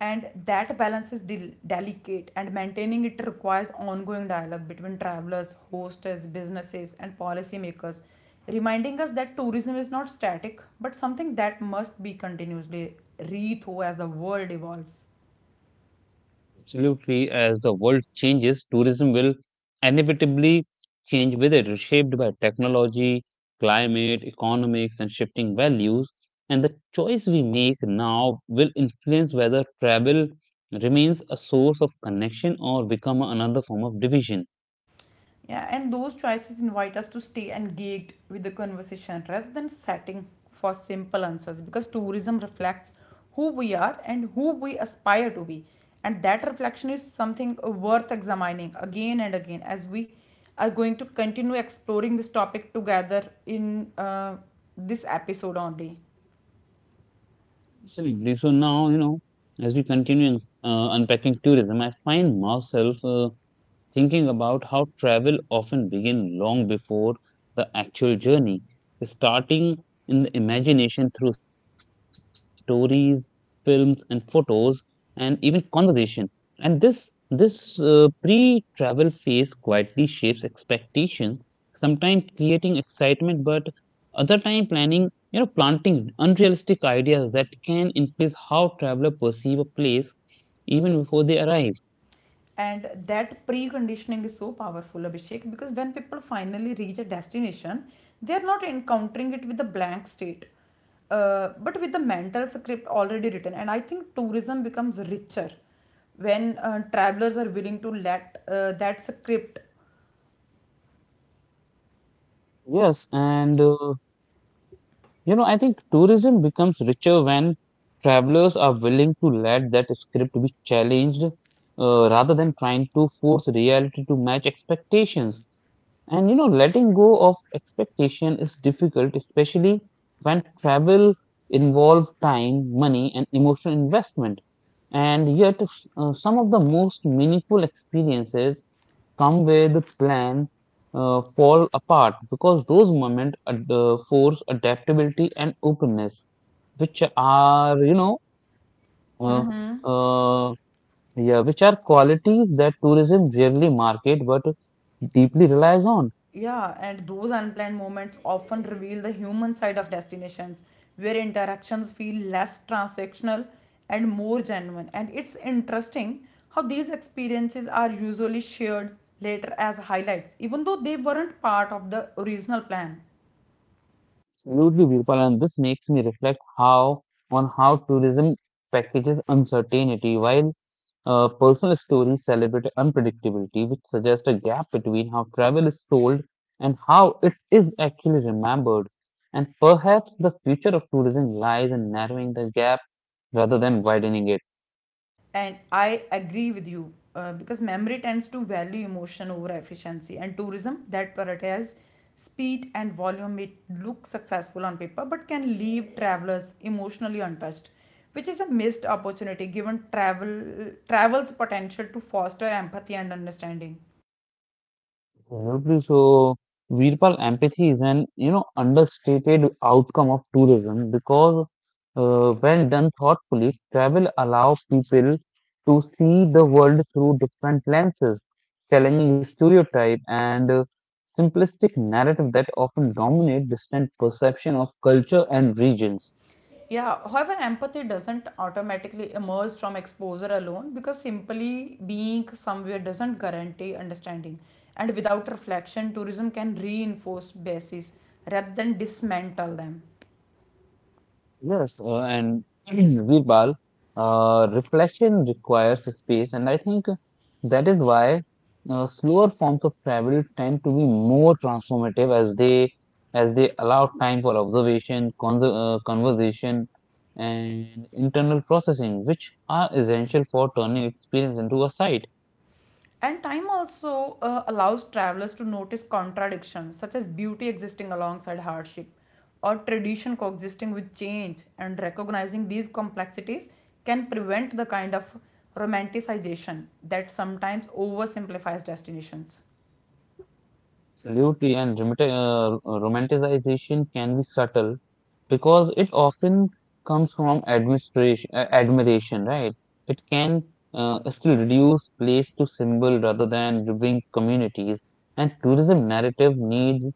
[SPEAKER 2] And that balance is delicate, and maintaining it requires ongoing dialogue between travelers, hosts, businesses, and policymakers, reminding us that tourism is not static but something that must be continuously rethought as the world evolves.
[SPEAKER 1] Absolutely, as the world changes, tourism will inevitably change with it, shaped by technology, climate, economics, and shifting values. And the choice we make now will influence whether travel remains a source of connection or become another form of division.
[SPEAKER 2] Yeah, and those choices invite us to stay engaged with the conversation rather than setting for simple answers, because tourism reflects who we are and who we aspire to be. And that reflection is something worth examining again and again as we are going to continue exploring this topic together in this episode only.
[SPEAKER 1] Absolutely. So now, you know, as we continue unpacking tourism, I find myself thinking about how travel often begins long before the actual journey, starting in the imagination through stories, films, and photos, and even conversation. And this pre-travel phase quietly shapes expectations, sometimes creating excitement, but other time planning, you know, planting unrealistic ideas that can influence how traveler perceive a place even before they arrive.
[SPEAKER 2] And that preconditioning is so powerful, Abhishek, because when people finally reach a destination, they are not encountering it with a blank state, but with the mental script already written. And I think tourism becomes richer when travelers are willing to let that script.
[SPEAKER 1] Yes, and you know, I think tourism becomes richer when travelers are willing to let that script be challenged rather than trying to force reality to match expectations. And you know, letting go of expectation is difficult, especially when travel involves time, money, and emotional investment. And yet, some of the most meaningful experiences come where the plan fall apart because those moments force adaptability and openness, which are you know uh, uh, yeah, which are qualities that tourism rarely market but deeply relies on.
[SPEAKER 2] Yeah, and those unplanned moments often reveal the human side of destinations, where interactions feel less transactional and more genuine. And it's interesting how these experiences are usually shared later as highlights, even though they weren't part of the original plan.
[SPEAKER 1] Absolutely, Virpal, and this makes me reflect how on how tourism packages uncertainty, while personal stories celebrate unpredictability, which suggests a gap between how travel is sold and how it is actually remembered. And perhaps the future of tourism lies in narrowing the gap rather than widening it.
[SPEAKER 2] And I agree with you, because memory tends to value emotion over efficiency, and tourism that prioritizes speed and volume may look successful on paper but can leave travelers emotionally untouched, which is a missed opportunity given travel's potential to foster empathy and understanding.
[SPEAKER 1] Absolutely. So, Virpal, empathy is an you know understated outcome of tourism because, when done thoughtfully, travel allows people to see the world through different lenses, challenging stereotype and simplistic narrative that often dominate distant perception of culture and regions.
[SPEAKER 2] Yeah, however, empathy doesn't automatically emerge from exposure alone, because simply being somewhere doesn't guarantee understanding. And without reflection, tourism can reinforce bases rather than dismantle them.
[SPEAKER 1] Yes, and Vipal, reflection requires space, and I think that is why slower forms of travel tend to be more transformative as they allow time for observation, conser conversation, and internal processing, which are essential for turning experience into a site.
[SPEAKER 2] And time also allows travelers to notice contradictions, such as beauty existing alongside hardship or tradition coexisting with change, and recognizing these complexities can prevent the kind of romanticization that sometimes oversimplifies destinations.
[SPEAKER 1] Absolutely, and romanticization can be subtle because it often comes from admiration, right? It can still reduce place to symbol rather than removing communities, and tourism narrative needs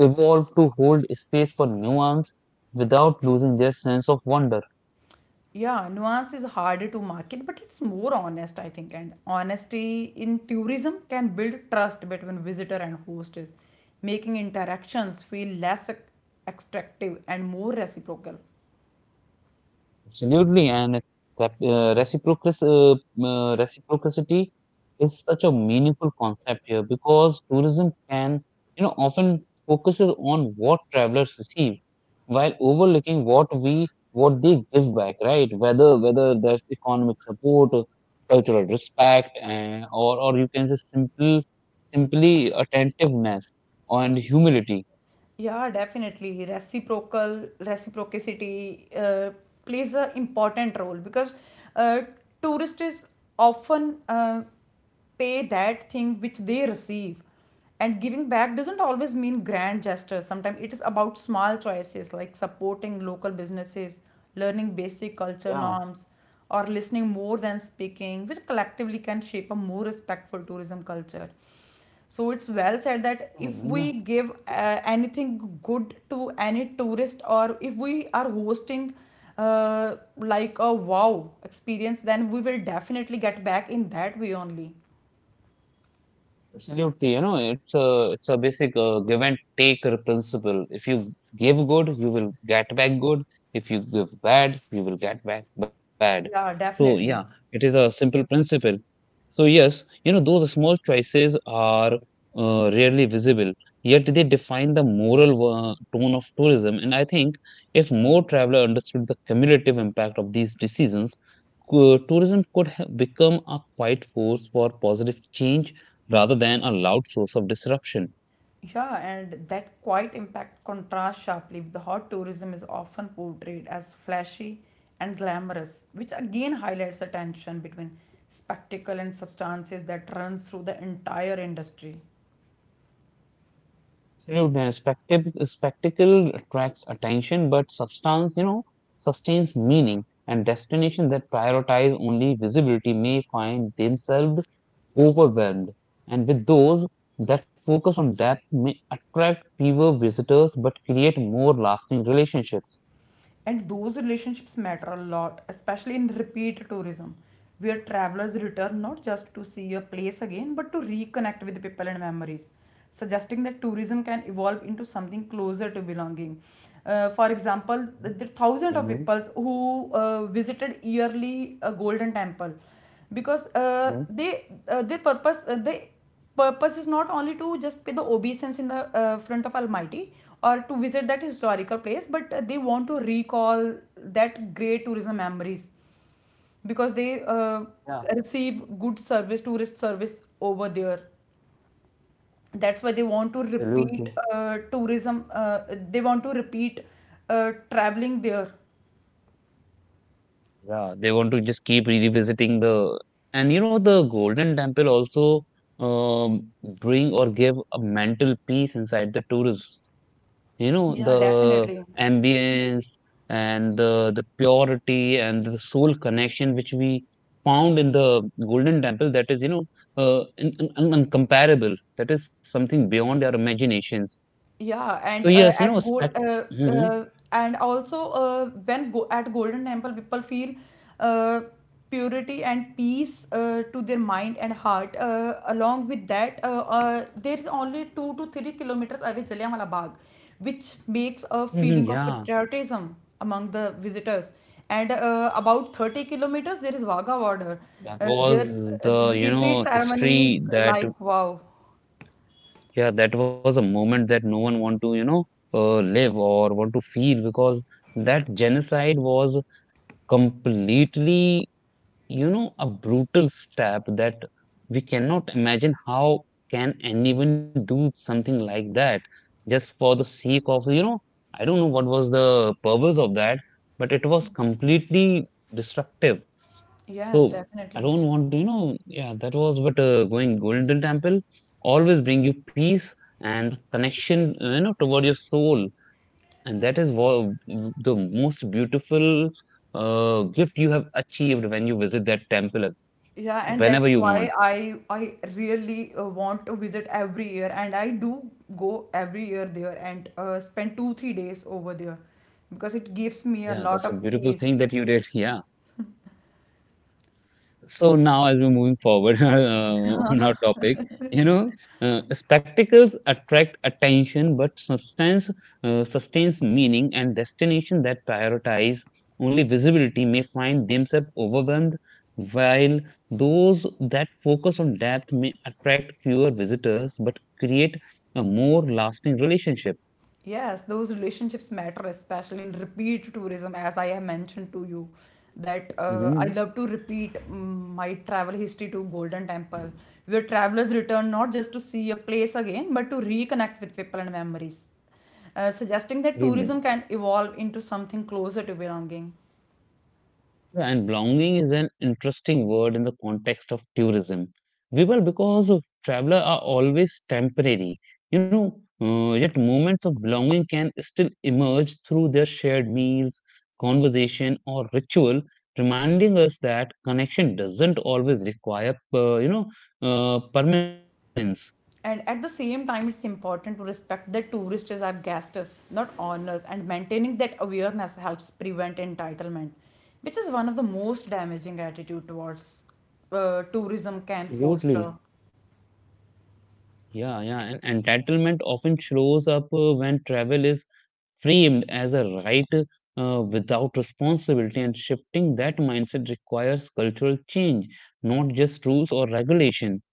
[SPEAKER 1] evolve to hold space for nuance without losing their sense of wonder.
[SPEAKER 2] Yeah, nuance is harder to market, but it's more honest, I think. And honesty in tourism can build trust between visitor and hostess, making interactions feel less extractive and more reciprocal.
[SPEAKER 1] Absolutely, and that, reciprocity is such a meaningful concept here because tourism can, you know, often focuses on what travelers receive while overlooking what they give back, right? Whether that's economic support, or cultural respect, and, or you can say simply attentiveness and humility.
[SPEAKER 2] Yeah, definitely. Reciprocal reciprocity plays an important role because uh, tourists often pay that thing which they receive, and giving back doesn't always mean grand gestures. Sometimes it is about small choices like supporting local businesses, learning basic culture
[SPEAKER 1] Yeah,
[SPEAKER 2] norms, or listening more than speaking, which collectively can shape a more respectful tourism culture. So it's well said that if
[SPEAKER 1] yeah.
[SPEAKER 2] we give anything good to any tourist, or if we are hosting like a wow experience, then we will definitely get back in that way only.
[SPEAKER 1] Absolutely, you know, it's a basic give and take principle. If you give good, you will get back good. If you give bad, you will get back bad.
[SPEAKER 2] Yeah,
[SPEAKER 1] So yeah,
[SPEAKER 2] definitely.
[SPEAKER 1] it is a simple principle. So yes, you know, those small choices are rarely visible, yet they define the moral tone of tourism. And I think if more traveler understood the cumulative impact of these decisions, tourism could become a quiet force for positive change rather than a loud source of disruption.
[SPEAKER 2] Yeah, and that quite impact contrasts sharply with the hot tourism is often portrayed as flashy and glamorous, which again highlights a tension between spectacle and substances that runs through the entire industry.
[SPEAKER 1] Absolutely. Spectacle attracts attention, but substance, you know, sustains meaning. And destinations that prioritize only visibility may find themselves overwhelmed. And with those that focus on depth may attract fewer visitors but create more lasting relationships.
[SPEAKER 2] And those relationships matter a lot, especially in repeat tourism, where travelers return not just to see a place again, but to reconnect with people and memories, suggesting that tourism can evolve into something closer to belonging. For example, there are thousands of
[SPEAKER 1] Mhm.
[SPEAKER 2] people who visited yearly a golden temple, because
[SPEAKER 1] Mhm.
[SPEAKER 2] they their purpose they purpose is not only to just pay the obeisance in the front of Almighty, or to visit that historical place, but they want to recall that great tourism memories because they
[SPEAKER 1] Yeah,
[SPEAKER 2] receive good service, tourist service over there. That's why they want to
[SPEAKER 1] absolutely.
[SPEAKER 2] repeat tourism, they want to repeat traveling there.
[SPEAKER 1] Yeah, they want to just keep revisiting the and you know the Golden Temple also um, bring or give a mental peace inside the tourists. You know
[SPEAKER 2] Yeah,
[SPEAKER 1] the
[SPEAKER 2] definitely.
[SPEAKER 1] ambience and the purity and the soul connection which we found in the Golden Temple that is you know uh, uncomparable. That is something beyond our imaginations.
[SPEAKER 2] Yeah,
[SPEAKER 1] So
[SPEAKER 2] and
[SPEAKER 1] yes, you
[SPEAKER 2] at
[SPEAKER 1] know
[SPEAKER 2] gold
[SPEAKER 1] spect hmm
[SPEAKER 2] and also when go at Golden Temple, people feel uh, purity and peace to their mind and heart. Along with that, there is only 2 to 3 kilometers away Jallianwala Bagh, which makes a
[SPEAKER 1] hmm
[SPEAKER 2] feeling of
[SPEAKER 1] yeah.
[SPEAKER 2] patriotism among the visitors. And about 30 kilometers, there is Wagah border.
[SPEAKER 1] That
[SPEAKER 2] Uh,
[SPEAKER 1] was
[SPEAKER 2] their
[SPEAKER 1] the, you
[SPEAKER 2] retreat
[SPEAKER 1] know,
[SPEAKER 2] ceremonies,
[SPEAKER 1] history that
[SPEAKER 2] like wow.
[SPEAKER 1] yeah, that was a moment that no one want to, you know, live or want to feel because that genocide was completely, you know, a brutal step that we cannot imagine how can anyone do something like that just for the sake of, you know, I don't know what was the purpose of that, but it was completely destructive.
[SPEAKER 2] Yes,
[SPEAKER 1] So I
[SPEAKER 2] definitely.
[SPEAKER 1] don't want to, you know, yeah, that was but going Golden Temple always bring you peace and connection, you know, toward your soul, and that is what the most beautiful gift you have achieved when you visit that temple,
[SPEAKER 2] Yeah, and
[SPEAKER 1] whenever
[SPEAKER 2] that's
[SPEAKER 1] you want.
[SPEAKER 2] why I really want to visit every year, and I do go every year there, and spend 2, 3 days over there because it gives me a
[SPEAKER 1] Yeah,
[SPEAKER 2] lot
[SPEAKER 1] that's a
[SPEAKER 2] of
[SPEAKER 1] beautiful thing
[SPEAKER 2] peace.
[SPEAKER 1] that you did. Yeah. So now, as we're moving forward on our topic, you know, spectacles attract attention, but substance sustains meaning, and destination that prioritize only visibility may find themselves overwhelmed, while those that focus on depth may attract fewer visitors, but create a more lasting relationship.
[SPEAKER 2] Yes, those relationships matter, especially in repeat tourism. As I have mentioned to you, that I
[SPEAKER 1] Mhm.
[SPEAKER 2] love to repeat my travel history to Golden Temple, where travelers return not just to see a place again, but to reconnect with people and memories, suggesting that
[SPEAKER 1] Absolutely.
[SPEAKER 2] tourism can evolve into something closer to belonging.
[SPEAKER 1] Yeah, and belonging is an interesting word in the context of tourism. Vipul, because travelers are always temporary, you know, yet moments of belonging can still emerge through their shared meals, conversation, or ritual, reminding us that connection doesn't always require, you know, permanence.
[SPEAKER 2] And at the same time, it's important to respect that tourists are guests, not owners, and maintaining that awareness helps prevent entitlement, which is one of the most damaging attitude towards tourism can
[SPEAKER 1] Absolutely.
[SPEAKER 2] foster.
[SPEAKER 1] Yeah, yeah, and entitlement often shows up when travel is framed as a right without responsibility, and shifting that mindset requires cultural change, not just rules or regulation.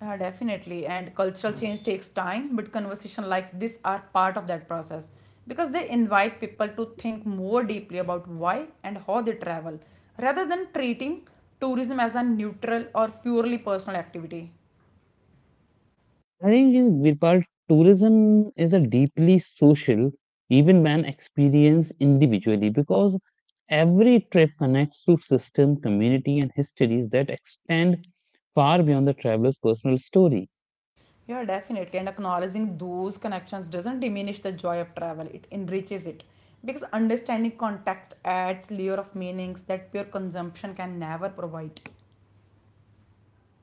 [SPEAKER 2] Definitely, and cultural change takes time, but conversation like this are part of that process because they invite people to think more deeply about why and how they travel, rather than treating tourism as a neutral or purely personal activity.
[SPEAKER 1] I think in Virpal, tourism is a deeply social, even when experienced individually, because every trip connects to system, community, and histories that extend far beyond the traveler's personal story.
[SPEAKER 2] Yeah, definitely. And acknowledging those connections doesn't diminish the joy of travel, it enriches it. Because understanding context adds layer of meanings that pure consumption can never provide.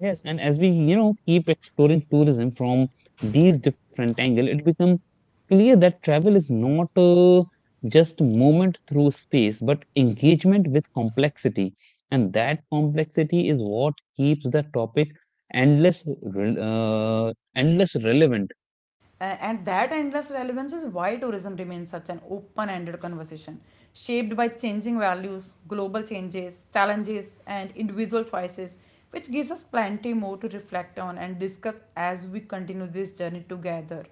[SPEAKER 1] Yes, and as we you know keep exploring tourism from these different angles, it becomes clear that travel is not just movement through space, but engagement with complexity, and that complexity is what keeps the topic endless relevant.
[SPEAKER 2] And that endless relevance is why tourism remains such an open ended conversation, shaped by changing values, global changes, challenges, and individual choices, which gives us plenty more to reflect on and discuss as we continue this journey together.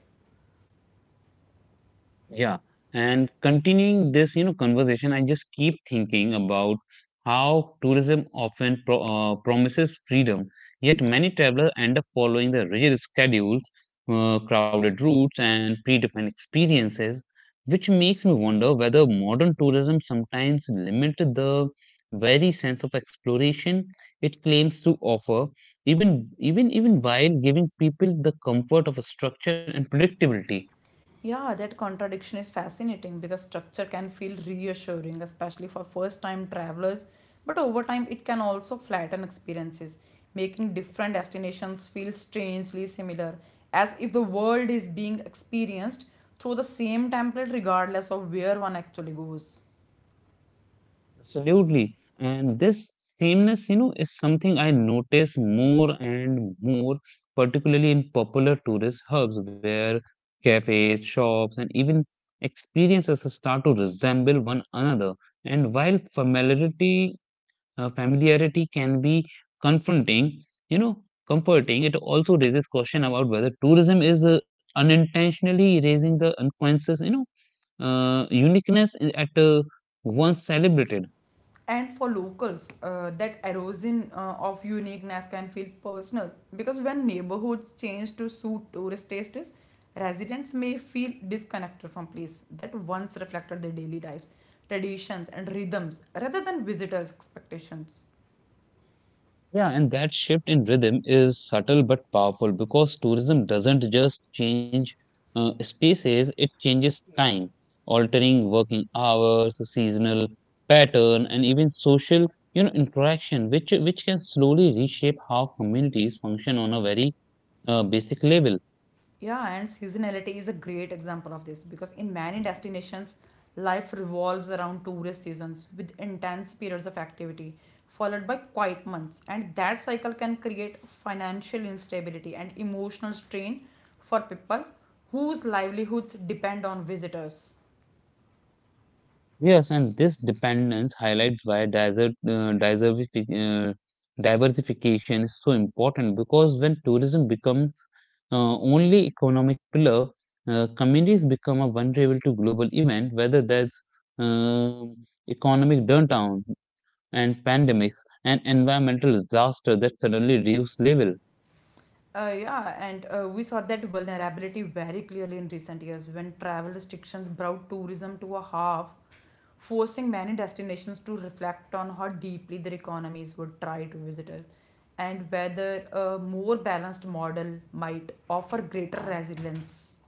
[SPEAKER 1] Yeah, and continuing this, you know, conversation, I just keep thinking about how tourism often promises freedom, yet many travelers end up following the rigid schedules, crowded routes, and predefined experiences, which makes me wonder whether modern tourism sometimes limits the very sense of exploration it claims to offer, even while giving people the comfort of a structure and predictability.
[SPEAKER 2] Yeah, that contradiction is fascinating because structure can feel reassuring, especially for first time travelers. But over time, it can also flatten experiences, making different destinations feel strangely similar, as if the world is being experienced through the same template, regardless of where one actually goes.
[SPEAKER 1] Absolutely. And this sameness, you know, is something I notice more and more, particularly in popular tourist hubs where cafes, shops, and even experiences start to resemble one another. And while familiarity can be confronting, you know, comforting, it also raises question about whether tourism is unintentionally raising the unconscious, you know, uniqueness eh, at once celebrated.
[SPEAKER 2] And for locals, that erosion of uniqueness can feel personal because when neighborhoods change to suit tourist tastes, residents may feel disconnected from place that once reflected their daily lives, traditions and rhythms rather than visitors expectations.
[SPEAKER 1] Yeah, and that shift in rhythm is subtle but powerful because tourism doesn't just change spaces, it changes time, altering working hours, seasonal pattern, and even social, you know, interaction, which can slowly reshape how communities function on a very basic level.
[SPEAKER 2] Yeah, and seasonality is a great example of this because in many destinations, life revolves around tourist seasons with intense periods of activity followed by quiet months, and that cycle can create financial instability and emotional strain for people whose livelihoods depend on visitors.
[SPEAKER 1] Yes, and this dependence highlights why diversification is so important because when tourism becomes only economic pillar, communities become a vulnerable to global event, whether that's um economic downturn and pandemics and environmental disaster that suddenly reduce level.
[SPEAKER 2] Yeah, and we saw that vulnerability very clearly in recent years when travel restrictions brought tourism to a half, forcing many destinations to reflect on how deeply their economies would try to visitors and whether a more balanced model might offer greater resilience.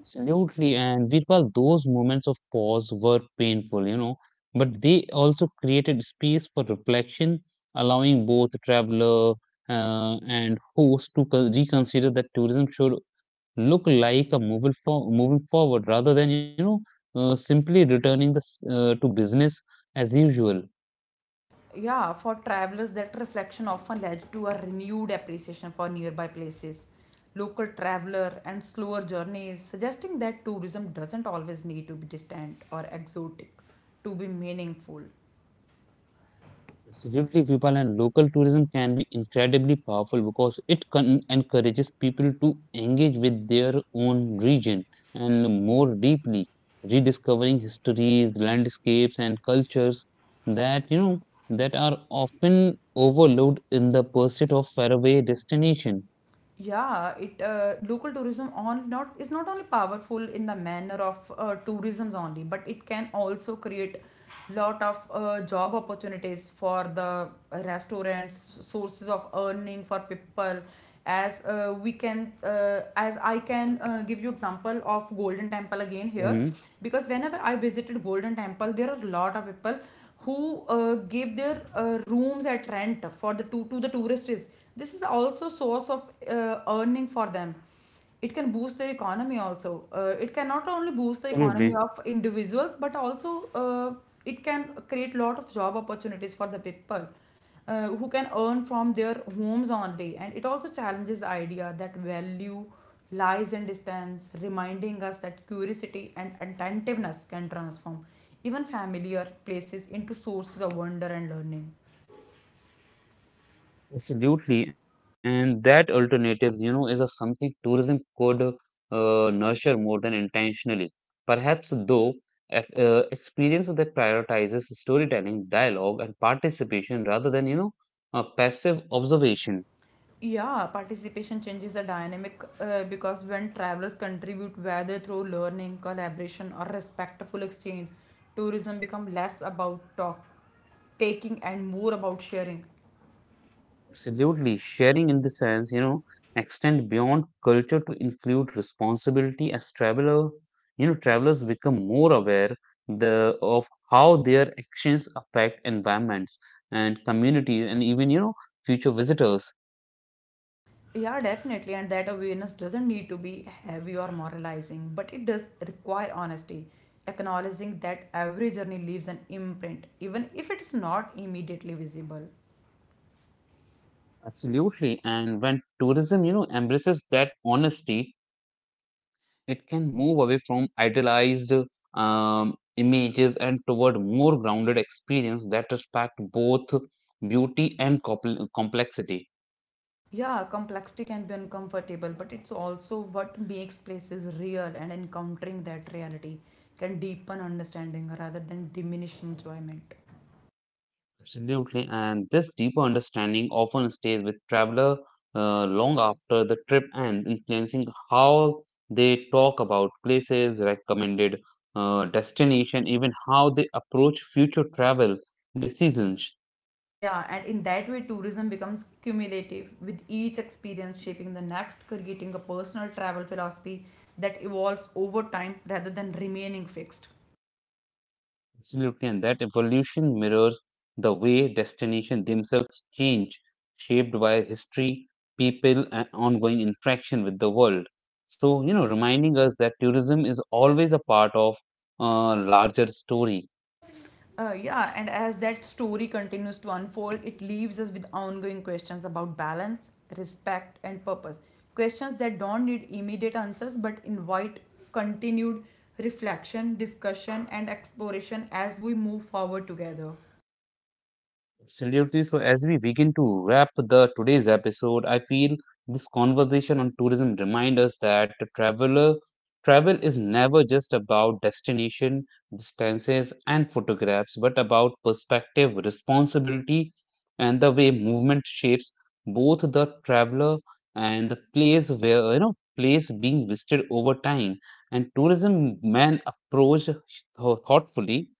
[SPEAKER 1] Absolutely. And Virpal, those moments of pause were painful, you know, but they also created space for reflection, allowing both traveler and host to reconsider that tourism should look like a moving forward rather than, you know, simply returning to business as usual.
[SPEAKER 2] Yeah, for travelers, that reflection often led to a renewed appreciation for nearby places, local traveler, and slower journeys, suggesting that tourism doesn't always need to be distant or exotic to be meaningful.
[SPEAKER 1] Absolutely, Vipal, and local tourism can be incredibly powerful because it encourages people to engage with their own region and more deeply, rediscovering histories, landscapes, and cultures that you know that are often overlooked in the pursuit of faraway destination.
[SPEAKER 2] Yeah, it local tourism on not is not only powerful in the manner of tourism's only, but it can also create lot of job opportunities for the restaurants sources of earning for people as we can as I can give you example of Golden Temple again here
[SPEAKER 1] Hmm.
[SPEAKER 2] because whenever I visited Golden Temple there are a lot of people who give their rooms at rent for the to the tourists. This is also source of earning for them. It can boost the economy also. It can not only boost the economy of
[SPEAKER 1] Absolutely.
[SPEAKER 2] individuals but also it can create lot of job opportunities for the people who can earn from their homes only, and it also challenges the idea that value lies in distance, reminding us that curiosity and attentiveness can transform even familiar places into sources of wonder and learning.
[SPEAKER 1] Absolutely, and that alternatives, you know, is a something tourism could nurture more than intentionally. Perhaps, though, if, experience that prioritizes storytelling, dialogue, and participation rather than, you know, passive observation.
[SPEAKER 2] Yeah, participation changes the dynamic because when travelers contribute, whether through learning, collaboration, or respectful exchange, tourism become less about talk, taking and more about sharing.
[SPEAKER 1] Absolutely. Sharing in the sense, you know, extend beyond culture to include responsibility as traveler, you know, travelers become more aware the of how their actions affect environments and communities and even, you know, future visitors.
[SPEAKER 2] Yeah, definitely, and that awareness doesn't need to be heavy or moralizing, but it does require honesty, acknowledging that every journey leaves an imprint, even if it's not immediately visible.
[SPEAKER 1] Absolutely. And when tourism, you know, embraces that honesty, it can move away from idealized images and toward more grounded experience that respect both beauty and complexity.
[SPEAKER 2] Yeah, complexity can be uncomfortable, but it's also what makes places real, and encountering that reality can deepen understanding rather than diminish enjoyment.
[SPEAKER 1] Absolutely, and this deeper understanding often stays with traveler long after the trip ends, influencing how they talk about places, recommended destination, even how they approach future travel decisions.
[SPEAKER 2] Yeah, and in that way, tourism becomes cumulative, with each experience shaping the next, creating a personal travel philosophy that evolves over time rather than remaining fixed.
[SPEAKER 1] Absolutely, and that evolution mirrors the way destinations themselves change, shaped by history, people, and ongoing interaction with the world. So, you know, reminding us that tourism is always a part of a larger story.
[SPEAKER 2] Yeah, and as that story continues to unfold, it leaves us with ongoing questions about balance, respect, and purpose. Questions that don't need immediate answers but invite continued reflection, discussion, and exploration as we move forward together.
[SPEAKER 1] Absolutely. So, as we begin to wrap the today's episode, I feel this conversation on tourism reminds us that the traveler travel is never just about destination, distances, and photographs, but about perspective, responsibility, and the way movement shapes both the traveler and the place where you know place being visited over time. And tourism man approached thoughtfully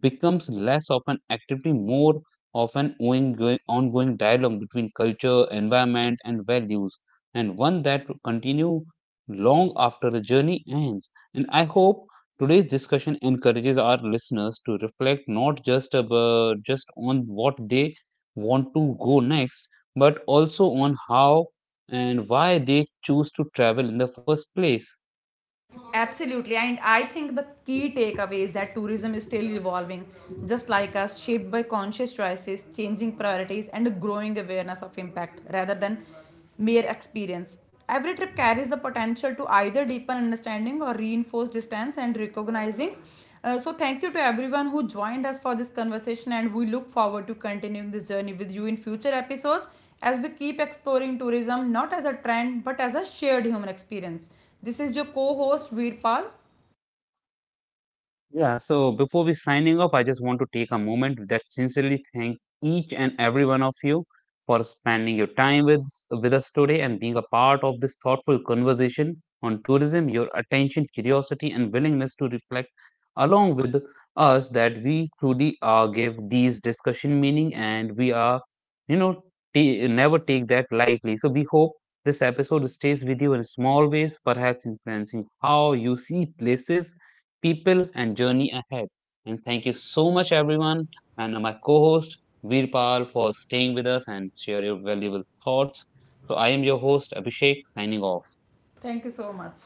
[SPEAKER 1] becomes less of an activity, more of an ongoing dialogue between culture, environment, and values, and one that will continue long after the journey ends. And I hope today's discussion encourages our listeners to reflect not just on what they want to go next, but also on how and why they choose to travel in the first place.
[SPEAKER 2] Absolutely. And I think the key takeaway is that tourism is still evolving, just like us, shaped by conscious choices, changing priorities, and a growing awareness of impact rather than mere experience. Every trip carries the potential to either deepen understanding or reinforce distance and recognizing. So, thank you to everyone who joined us for this conversation, and we look forward to continuing this journey with you in future episodes as we keep exploring tourism not as a trend but as a shared human experience. This is your co host Veerpal.
[SPEAKER 1] Yeah, so before we signing off, I just want to take a moment that sincerely thank each and every one of you for spending your time with us today and being a part of this thoughtful conversation on tourism. Your attention, curiosity, and willingness to reflect along with us that we truly give these discussion meaning and we are, you know, never take that lightly. So we hope this episode stays with you in small ways, perhaps influencing how you see places people and journey ahead. And thank you so much, everyone, and my co host Veerpal for staying with us and share your valuable thoughts. So, I am your host Abhishek signing off.
[SPEAKER 2] Thank you so much.